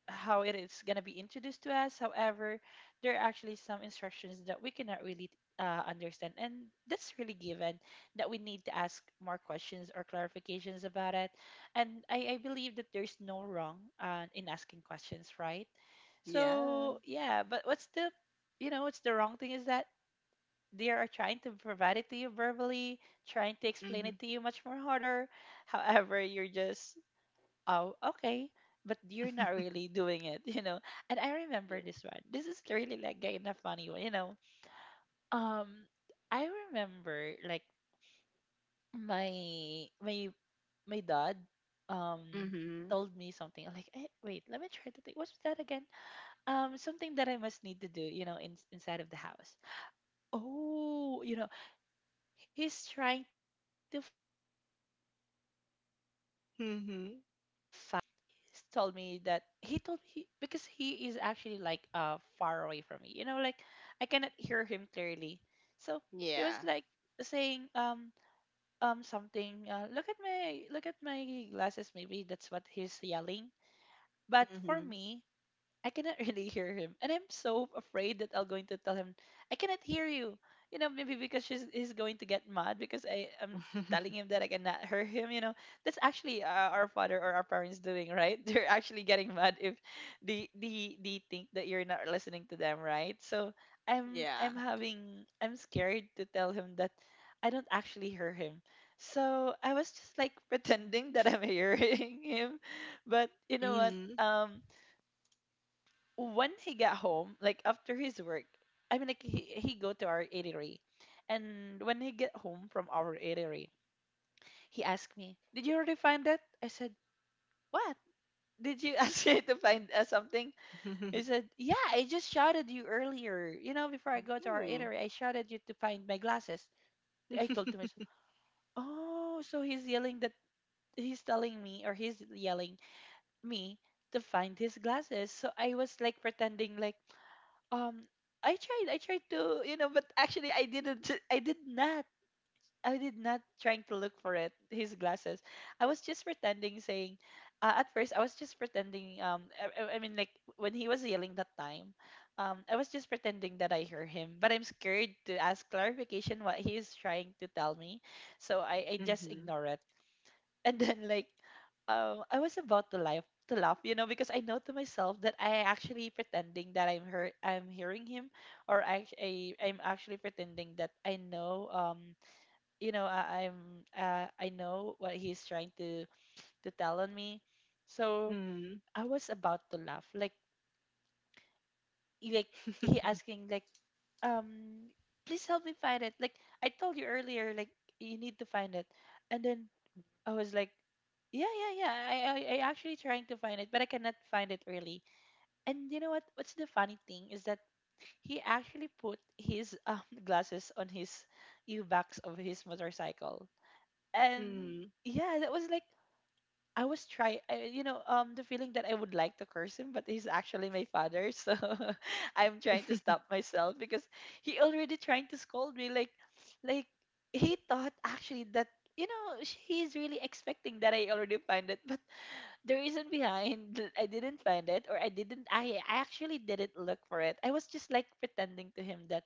S1: how it is going to be introduced to us. However, there are actually some instructions that we cannot really understand, and that's really given, that we need to ask more questions or clarifications about it. And I believe that there's no wrong in asking questions, right?
S2: Yeah.
S1: So yeah, but what's the, you know, what's the wrong thing is that they are trying to provide it to you verbally, trying to explain it
S2: Mhm.
S1: to you much more harder. [laughs] However, you're just, "Oh, okay," but you're not really doing it, you know. And I remember
S2: Yeah.
S1: this one. This is really like kind of funny one, you know. Um, I remember like my my my dad um
S2: Mhm.
S1: told me something. I'm like, eh, wait, let me try to think what's that again, something that I must need to do, you know, in, inside of the house. Oh, you know, he's trying to find his glasses. So
S2: Mhm.
S1: he told me that he told he because he is actually like far away from me. You know, like I cannot hear him clearly. So he was
S2: Yeah.
S1: like saying something, "Look at my, glasses," maybe that's what he's yelling. But for
S2: Mhm.
S1: me, I cannot [laughs] really hear him. And I'm so afraid that I'm going to tell him, "I cannot hear you." You know, maybe because he's going to get mad because I am telling
S2: [laughs]
S1: him that I cannot hear him. You know, that's actually our father or our parents doing, right? [laughs] They're actually getting mad if they think that you're not listening to them, right? So
S2: Yeah.
S1: I'm having, I'm scared to tell him that I don't actually hear him. So I was just like [laughs] pretending that I'm [laughs] hearing him. But you know what?
S2: Mhm.
S1: Um, when he got home, like after his work, I mean, like he go to our eatery, and when he get home from our eatery, he asked me, "Did you already find that?" I said, "What? Did you [laughs] ask me to find, something?" He
S2: [laughs]
S1: said, "Yeah, I just shouted you earlier. You know, before I go to our
S2: Ooh.
S1: eatery, I shouted you to find my glasses." I told to myself, "Oh, so he's yelling that he's telling me, or he's yelling me to find his glasses." So I was like pretending like, Um, I tried. I tried to, you know, but actually, I didn't. I did not. I did not trying to look for it. His glasses. I was just pretending, saying. At first, I was just pretending. I mean, like, when he was yelling that time, I was just pretending that I hear him. But I'm scared to ask clarification what he is trying to tell me, so I just
S2: Mhm.
S1: ignore it. And then like I was about to laugh, you know, because I know to myself that I actually pretending that I'm hearing him, or I'm actually pretending that I know, I'm, I know what he's trying to tell on me. So
S2: Mhm.
S1: I was about to laugh like he asking, like, um please help me find it. Like I told you earlier, like, you need to find it. And then I was like, yeah, yeah, yeah. I actually trying to find it, but I cannot find it really. And you know what? What's the funny thing is that he actually put his [laughs] glasses on his U backs of his motorcycle, and
S2: Mhm.
S1: yeah, that was like I, you know, the feeling that I would like to curse him, but he's actually my father, so [laughs] I'm trying to stop myself because he already trying to scold me, like he thought actually that, you know, he's really expecting that I already find it, but the reason behind that I didn't find it, or I actually didn't look for it. I was just like pretending to him that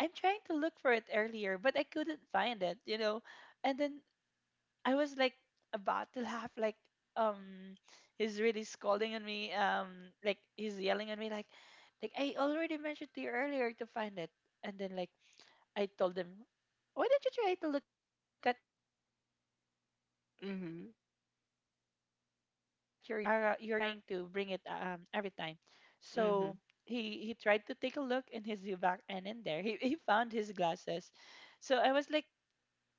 S1: I'm trying to look for it earlier, but I couldn't find it, you know, and then I was like about to laugh, like, um he's really scolding at me, like he's yelling at me, like I already mentioned to you earlier to find it. And then, like, I told him, why don't you try to look at your U-backs? Because you're actually you're actually you're trying to bring it every time.
S2: Mhm.
S1: So
S2: Mhm.
S1: he tried to take a look in his U-back, and in there he found his glasses. So I was like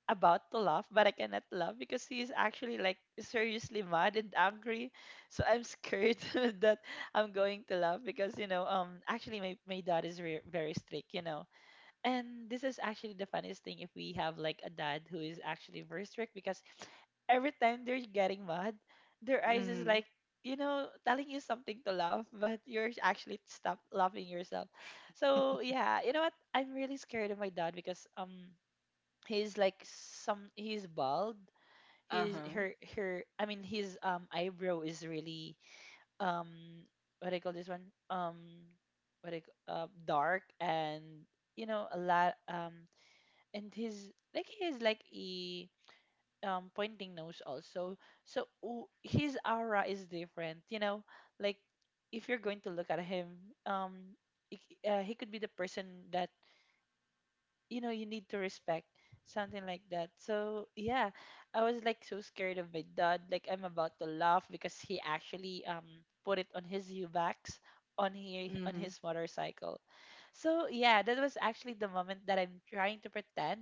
S1: about to laugh, but I cannot laugh because he is actually like seriously mad and angry. So I'm scared [laughs] that I'm going to laugh because, you know, actually my dad is very strict, you know. And this is actually the funniest thing if we have like a dad who is actually very strict, because every time they're getting mad, their eyes is
S2: Mhm.
S1: like, you know, telling you something to laugh [laughs] but you're actually stop laughing yourself. So yeah, you know what, I'm really scared of my dad because he's like some he's bald. his
S2: Uh-huh.
S1: her her i mean his eyebrow is really um what do I call this one, um what do I c- dark and, you know, a lot, and his, like, he is like a pointing nose also. So ooh, his aura is different, you know, like, if you're going to look at him, um it, he could be the person that, you know, you need to respect, something like that. So yeah, I was like so scared of my dad, like I'm about to laugh because he actually put it on his U-backs, on he on
S2: Mhm.
S1: his motorcycle. So yeah, that was actually the moment that I'm trying to pretend,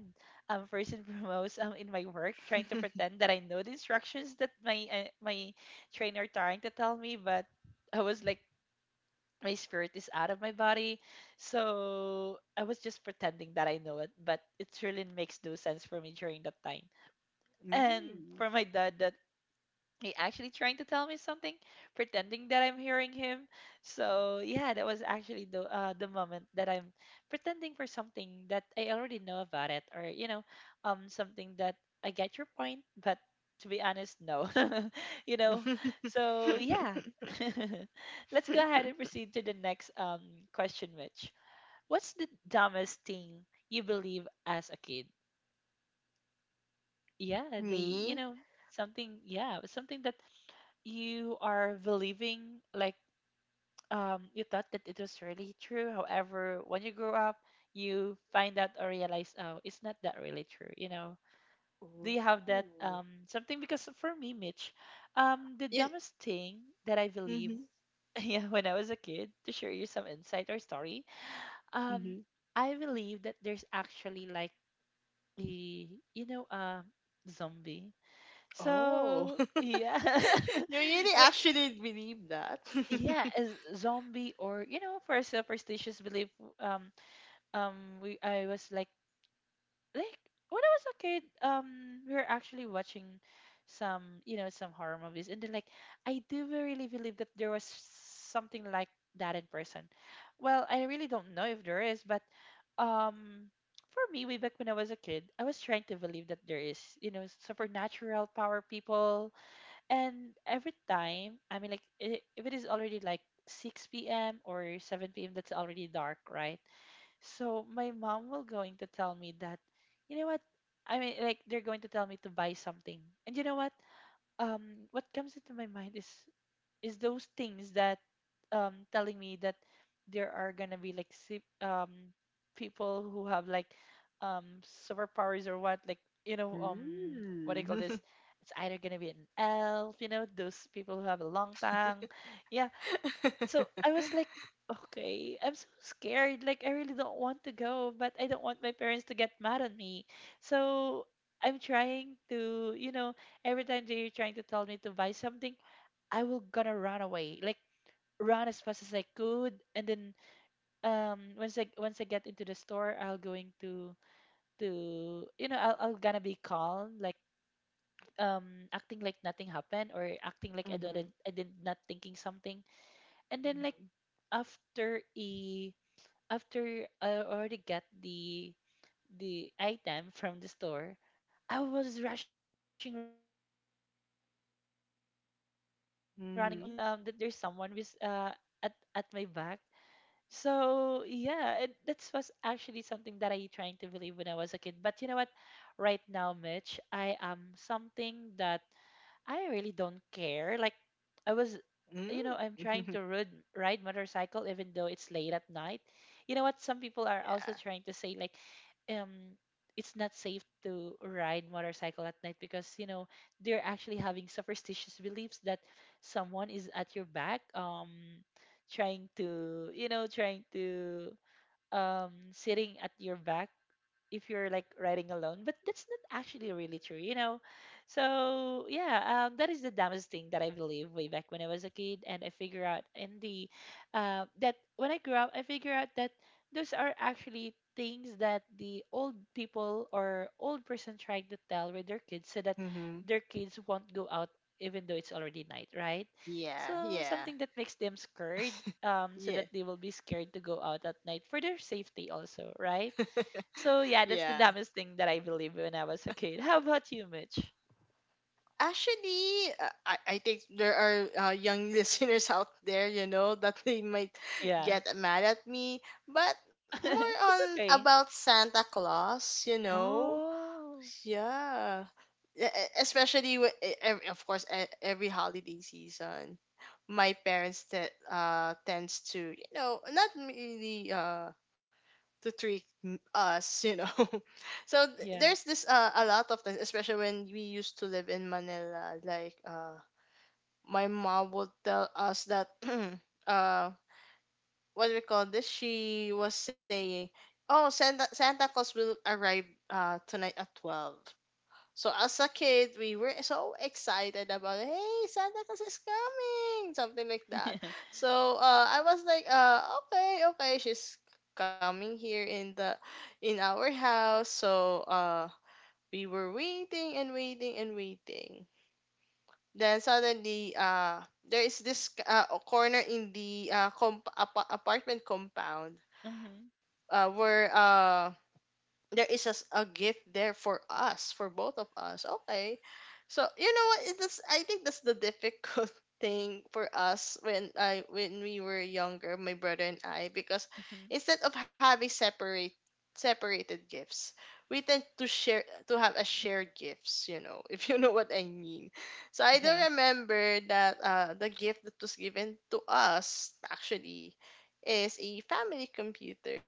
S1: first and [laughs] foremost, in my work, trying to
S2: [laughs]
S1: pretend that I know the instructions that my my trainer trying to tell me. But I was like my spirit is out of my body. So I was just pretending that I know it, but it really makes no sense for me during that time. And
S2: Ooh.
S1: for my dad, that he actually trying to tell me something, pretending that I'm hearing him. So yeah, that was actually the moment that I'm pretending for something that I already know about it, or, you know, something that I get your point, but to be honest, no, [laughs] you know. So yeah,
S2: [laughs]
S1: [laughs] let's go ahead and proceed to the next question, Mitch. What's the dumbest thing you believe as a kid? Yeah, the, you
S2: Me?
S1: know, something. Yeah, something that you are believing like, you thought that it was really true, however when you grow up you find out or realize, oh, it's not that really true, you know. Do you have that,
S2: Ooh.
S1: something? Because for me, Mitch, the
S2: You.
S1: dumbest thing that I believe,
S2: Mhm.
S1: [laughs] yeah, when I was a kid, to share you some insight or story,
S2: Mhm.
S1: um I believe that there's actually like a, you know, zombie.
S2: Oh.
S1: So
S2: [laughs]
S1: yeah,
S2: You
S1: [laughs]
S2: really
S1: when,
S2: actually believe that?
S1: yeah,
S2: [laughs]
S1: as zombie, or, you know, for a superstitious belief, um um we I was like, when I was a kid, we were actually watching some, you know, some horror movies, and then, like, I do really believe that there was something like that in person. Well, I really don't know if there is, but um for me, way back when I was a kid, I was trying to believe that there is, you know, supernatural power people. And every time, I mean, like, if it is already like 6 p.m. or 7 p.m., that's already dark, right? So my mom will going to tell me that, you know what? I mean, like, they're going to tell me to buy something. And you know what? What comes into my mind is those things that telling me that there are gonna be like people who have like superpowers or what, like, you know, what do
S2: Mm.
S1: you call this, either gonna be an elf, you know, those people who have a long tongue. Yeah. So
S2: [laughs]
S1: I was like, okay, I'm so scared. Like I really don't want to go, but I don't want my parents to get mad at me. So I'm trying to, you know, every time they're trying to tell me to buy something, I will gonna run away. Like run as fast as I could, and then once I get into the store, I'll going to, you know, I'll gonna be calm, like acting like nothing happened, or acting like
S2: Mhm.
S1: I did not thinking something. And then, like,
S2: Mhm.
S1: after a, after I already got the item from the store, I was rushing running also like maybe I was trying to imagining things,
S2: Mhm.
S1: that there's someone with at my back. So yeah, it, that was actually something that I trying to believe when I was a kid. But you know what? Right now, Mitch, I am something that I really don't care. Like I was, you know, I'm
S2: Mm.
S1: trying
S2: [laughs]
S1: to ride motorcycle even though it's late at night. You know what? Some people are
S2: Yeah.
S1: also trying to say like, um, it's not safe to ride motorcycle at night, because, you know, they're actually having superstitious beliefs that someone is at your back, trying to, you know, sitting at your back if you're like riding alone, but that's not actually really true, you know. So yeah, that is the dumbest thing that I believe way back when I was a kid. And I figure out in the that when I grew up, I figure out that those are actually things that the old people or old person trying to tell with their kids, so that
S2: Mhm.
S1: their kids won't go out even though it's already night, right?
S2: Yeah,
S1: So
S2: yeah,
S1: something that makes them scared, so that
S2: yeah,
S1: they will be scared to go out at night for their safety also, right? So yeah, that's
S2: yeah.
S1: the dumbest thing that I believe when I was a kid. How about you, Mitch?
S2: Actually, I think there are young [laughs] listeners out there, you know, that they might
S1: Yeah.
S2: get mad at me, but more
S1: [laughs] It's
S2: on
S1: okay.
S2: about Santa Claus, you know.
S1: Oh.
S2: Yeah. Especially, of course, every holiday season, my parents that tends to, you know, not really to treat us, you know. [laughs] So
S1: Yeah.
S2: there's this a lot of things, especially when we used to live in Manila. Like, my mom would tell us that [clears throat] uh, what do we call this? She was saying, "Oh, Santa Claus will arrive tonight at 12." So as a kid, we were so excited about, hey, Santa Claus is coming, something like
S1: [laughs]
S2: that. So I was like, okay, okay, she's coming here in the in our house. So we were waiting and waiting and waiting. Then suddenly, there is this corner in the apartment compound
S1: Mhm.
S2: where there is a gift there for us, for both of us. Okay, so you know what it is? I think that's the difficult [laughs] thing for us, when we were younger, my brother and I, because
S1: Mhm.
S2: instead of having separated gifts, we tend to share, to have a shared gifts, you know. [laughs] If you know what I mean. So I do
S1: Yeah.
S2: remember that the gift that was given to us actually is a family computer,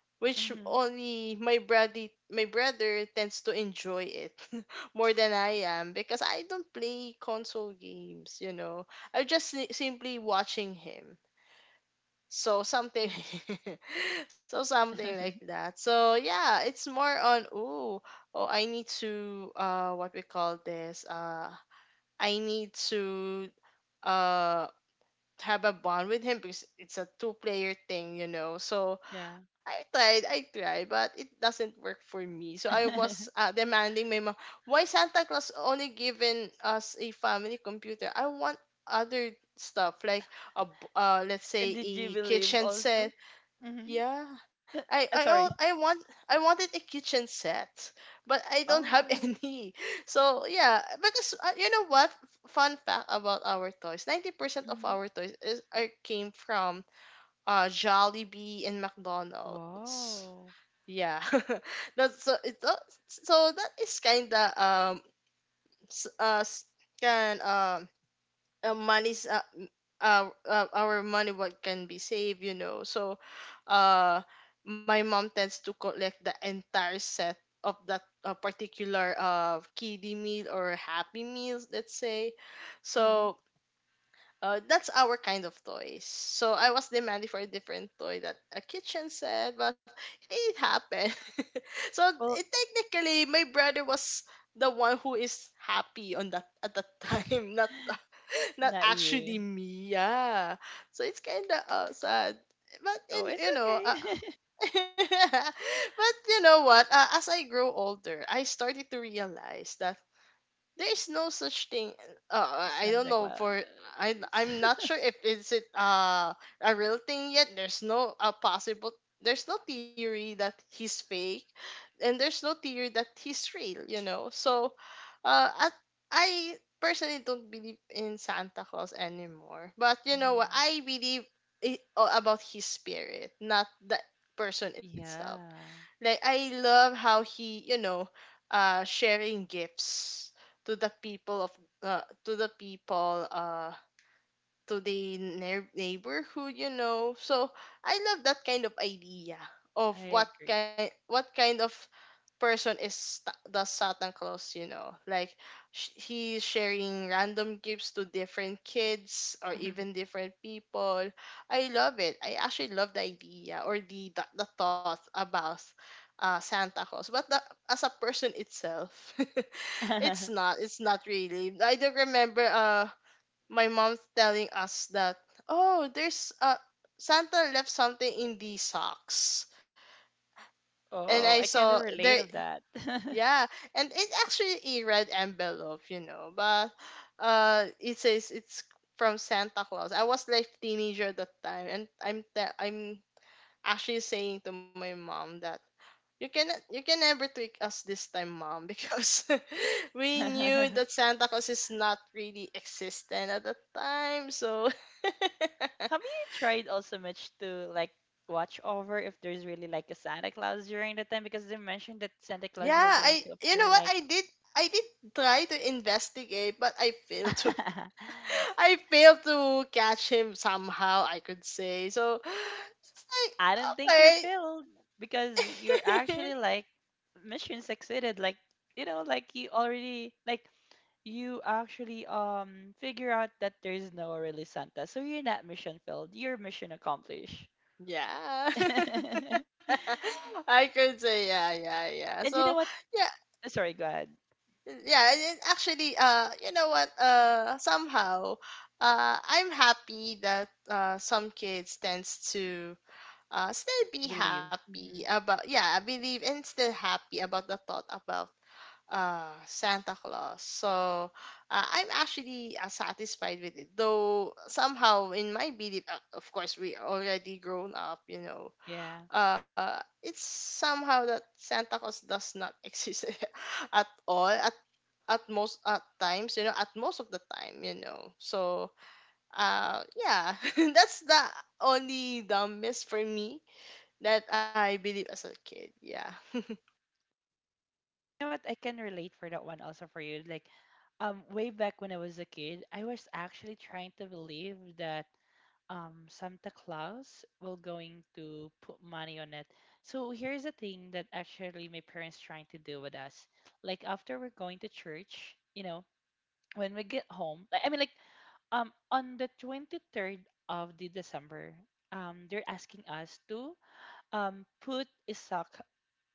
S2: which
S1: Mhm.
S2: only my brother, my brother tends to enjoy it [laughs] more than I am, because I don't play console games, you know. I am just simply watching him. So something [laughs] so something like
S1: [laughs]
S2: that. So yeah, it's more on, ooh, oh, I need to, what we call this I need to uh have a bond with him because it's a two player thing, you know. So
S1: Yeah.
S2: I tried, but it doesn't work for me. So I was
S1: [laughs]
S2: demanding my mom, why Santa Claus only given us a family computer? I want other stuff like let's
S1: And
S2: say
S1: did you
S2: a
S1: believe
S2: kitchen set.
S1: also? Mhm.
S2: Yeah,
S1: [laughs] Sorry.
S2: I wanted a kitchen set, but I don't have [laughs]
S1: Oh.
S2: any. So yeah, because you know what? Fun fact about our toys: 90% of
S1: Mhm.
S2: our toys is are came from Jollibee and McDonald's.
S1: Wow.
S2: Yeah, [laughs] that's, so it's, so that is kinda, s- s- can money's m- our money, what can be saved, you know. So uh my mom tends to collect the entire set of that particular kiddie meal or happy meals, let's say.
S1: Mhm.
S2: So that's our kind of toys. So I was demanding for a different toy, that a kitchen set, but it didn't happen. [laughs] So it,
S1: Well,
S2: technically, my brother was the one who is happy on that at that
S1: [laughs]
S2: time, [laughs] not, not
S1: not you.
S2: actually me. Yeah. So it's kind of sad. But
S1: Oh, it's
S2: in, you
S1: okay.
S2: know,
S1: [laughs]
S2: [laughs] but you know what? As I grow older, I started to realize that there is no such thing. I don't
S1: Santa
S2: know
S1: Claus.
S2: for, I'm not
S1: [laughs]
S2: sure if is it a real thing yet. There's no possible. There's no theory that he's fake, and there's no theory that he's real. You know, so uh, at, I personally don't believe in Santa Claus anymore. But you know what?
S1: Mhm.
S2: I believe it, about his spirit, not the person itself.
S1: Yeah,
S2: Like I love how he, you know, sharing gifts to the people of, to the people to the neighborhood. You know, so I love that kind of idea of
S1: I agree.
S2: what kind of person is the Satan Claus, you know. Like he's sharing random gifts to different kids or even different people. I love it. I actually love the idea, or the thought about Santa Claus. But the, as a person itself, [laughs] it's
S1: [laughs]
S2: not. It's not really. I do remember my mom telling us that, oh, there's Santa left something in the socks. And
S1: Oh,
S2: I
S1: I kind of
S2: saw
S1: relate
S2: there,
S1: of that.
S2: yeah, and it's actually a red envelope, you know, but it says it's from Santa Claus. I was like teenager at that time, and I'm actually saying to my mom that you can never trick us this time, mom, because [laughs] we knew that
S1: [laughs]
S2: Santa Claus is not really existent at that time. So
S1: Have you tried also much to like watch over if there's really like a Santa Claus during the time? Because they mentioned that Santa
S2: [laughs]
S1: Claus will
S2: yeah,
S1: going
S2: I
S1: to
S2: you know
S1: appear
S2: what
S1: like
S2: I did, I did try to investigate, but I
S1: [laughs]
S2: failed to [laughs] I failed to catch him somehow, I could say. So it's like,
S1: I don't think you're
S2: okay.
S1: filled, because you're actually like mission succeeded. Like, you know, like you already like you actually figure out that there's no really Santa. So you're not mission filled, you're mission accomplished.
S2: [laughs] Yeah. [laughs]
S1: [laughs]
S2: I could say, yeah, yeah, yeah.
S1: And
S2: So
S1: you know what?
S2: yeah,
S1: Sorry, go ahead.
S2: yeah, and it actually, you know what? Somehow, I'm happy that some kids tends to still be
S1: Believe.
S2: happy
S1: Hmm.
S2: about, yeah, I believe, and still happy about the thought about Santa Claus. So I'm actually satisfied with it. Though somehow in my belief, of course, we already grown up, you know.
S1: Yeah.
S2: It's somehow that Santa Claus does not [laughs] exist at all at most at times, you know, at most of the time, you know. So yeah, [laughs] that's the only dumbest for me that I believe as a kid. Yeah. [laughs]
S1: You know what? I can relate for that one also for you. Like, way back when I was a kid, I was actually trying to believe that Santa Claus will going to put money on it. So here's the thing that actually my parents trying to do with us. Like after we're going to church, you know, when we get home, like, I mean, like, on the 23rd of the December, they're asking us to put a sock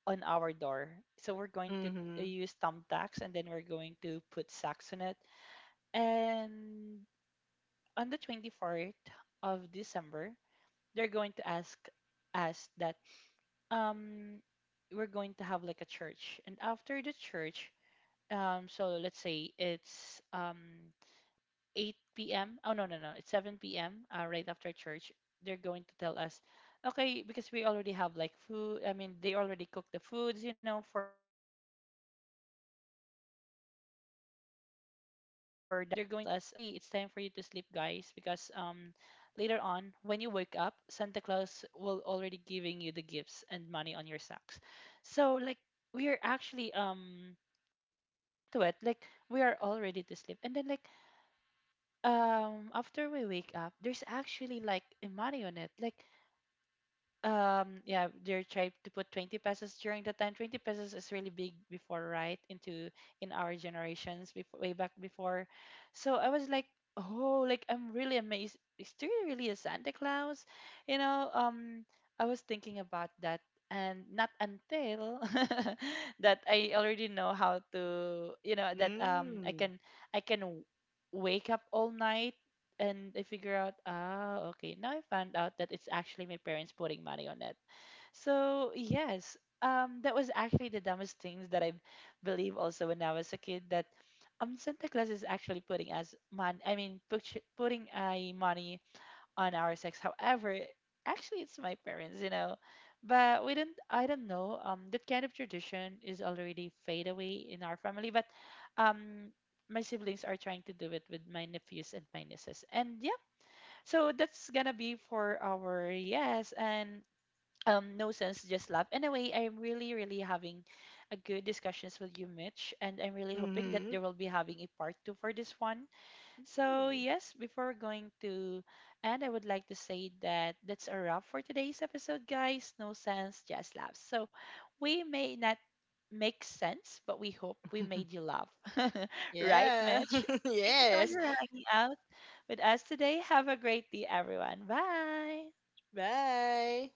S1: on our door. So we're going to
S2: Mhm.
S1: use thumbtacks, and then we're going to put sacks on it. And on the 24th of December, they're going to ask us that um we're going to have like a church. And after the church, so let's say it's 8 p.m. Oh no, no, no. It's 7 p.m. Right after church. They're going to tell us, okay, because we already have like food. I mean, they already cooked the foods, you know, for the upcoming 12 midnight. So they're going to tell us, okay, it's time for you to sleep, guys, because later on when you wake up, Santa Claus will already giving you the gifts and money on your socks. So like we are actually to it, like we are all ready to sleep. And then, like, after we wake up there's actually like a money on it, like, yeah, they're trying to put 20 pesos. During the time, 20 pesos is really big before, right, into in our generations before, way back before. So I was like, oh, like I'm really amazed, is there really a Santa Claus, you know? Um, I was thinking about that. And not until [laughs] that I already know how to, you know, that I
S2: Mm.
S1: can i can w- wake up all night. And I figure out, ah, okay, now I found out that it's actually my parents putting money on it. So yes, that was actually the dumbest things that I believe also when I was a kid, that Santa Claus is actually putting us money. I mean, putting a money on our sex. However, actually, it's my parents, you know. But we don't, I don't know. That kind of tradition is already fade away in our family. But um, my siblings are trying to do it with my nephews and my nieces. And yeah, so that's gonna be for our yes and no sense just love. Anyway, I'm really really having a good discussions with you, Mitch, and I'm really hoping that
S2: Mhm.
S1: there will be having a part 2 for this one. So yes, before going to end, I would like to say that that's a wrap for today's episode, guys. No sense, just love. So we may not make sense, but we hope we made
S2: [laughs]
S1: you laugh, [laughs] right,
S2: Yeah.
S1: Mitch?
S2: [laughs]
S1: Thank you so much
S2: Yes.
S1: for hanging out with us today. Have a great day, everyone. Bye.
S2: Bye.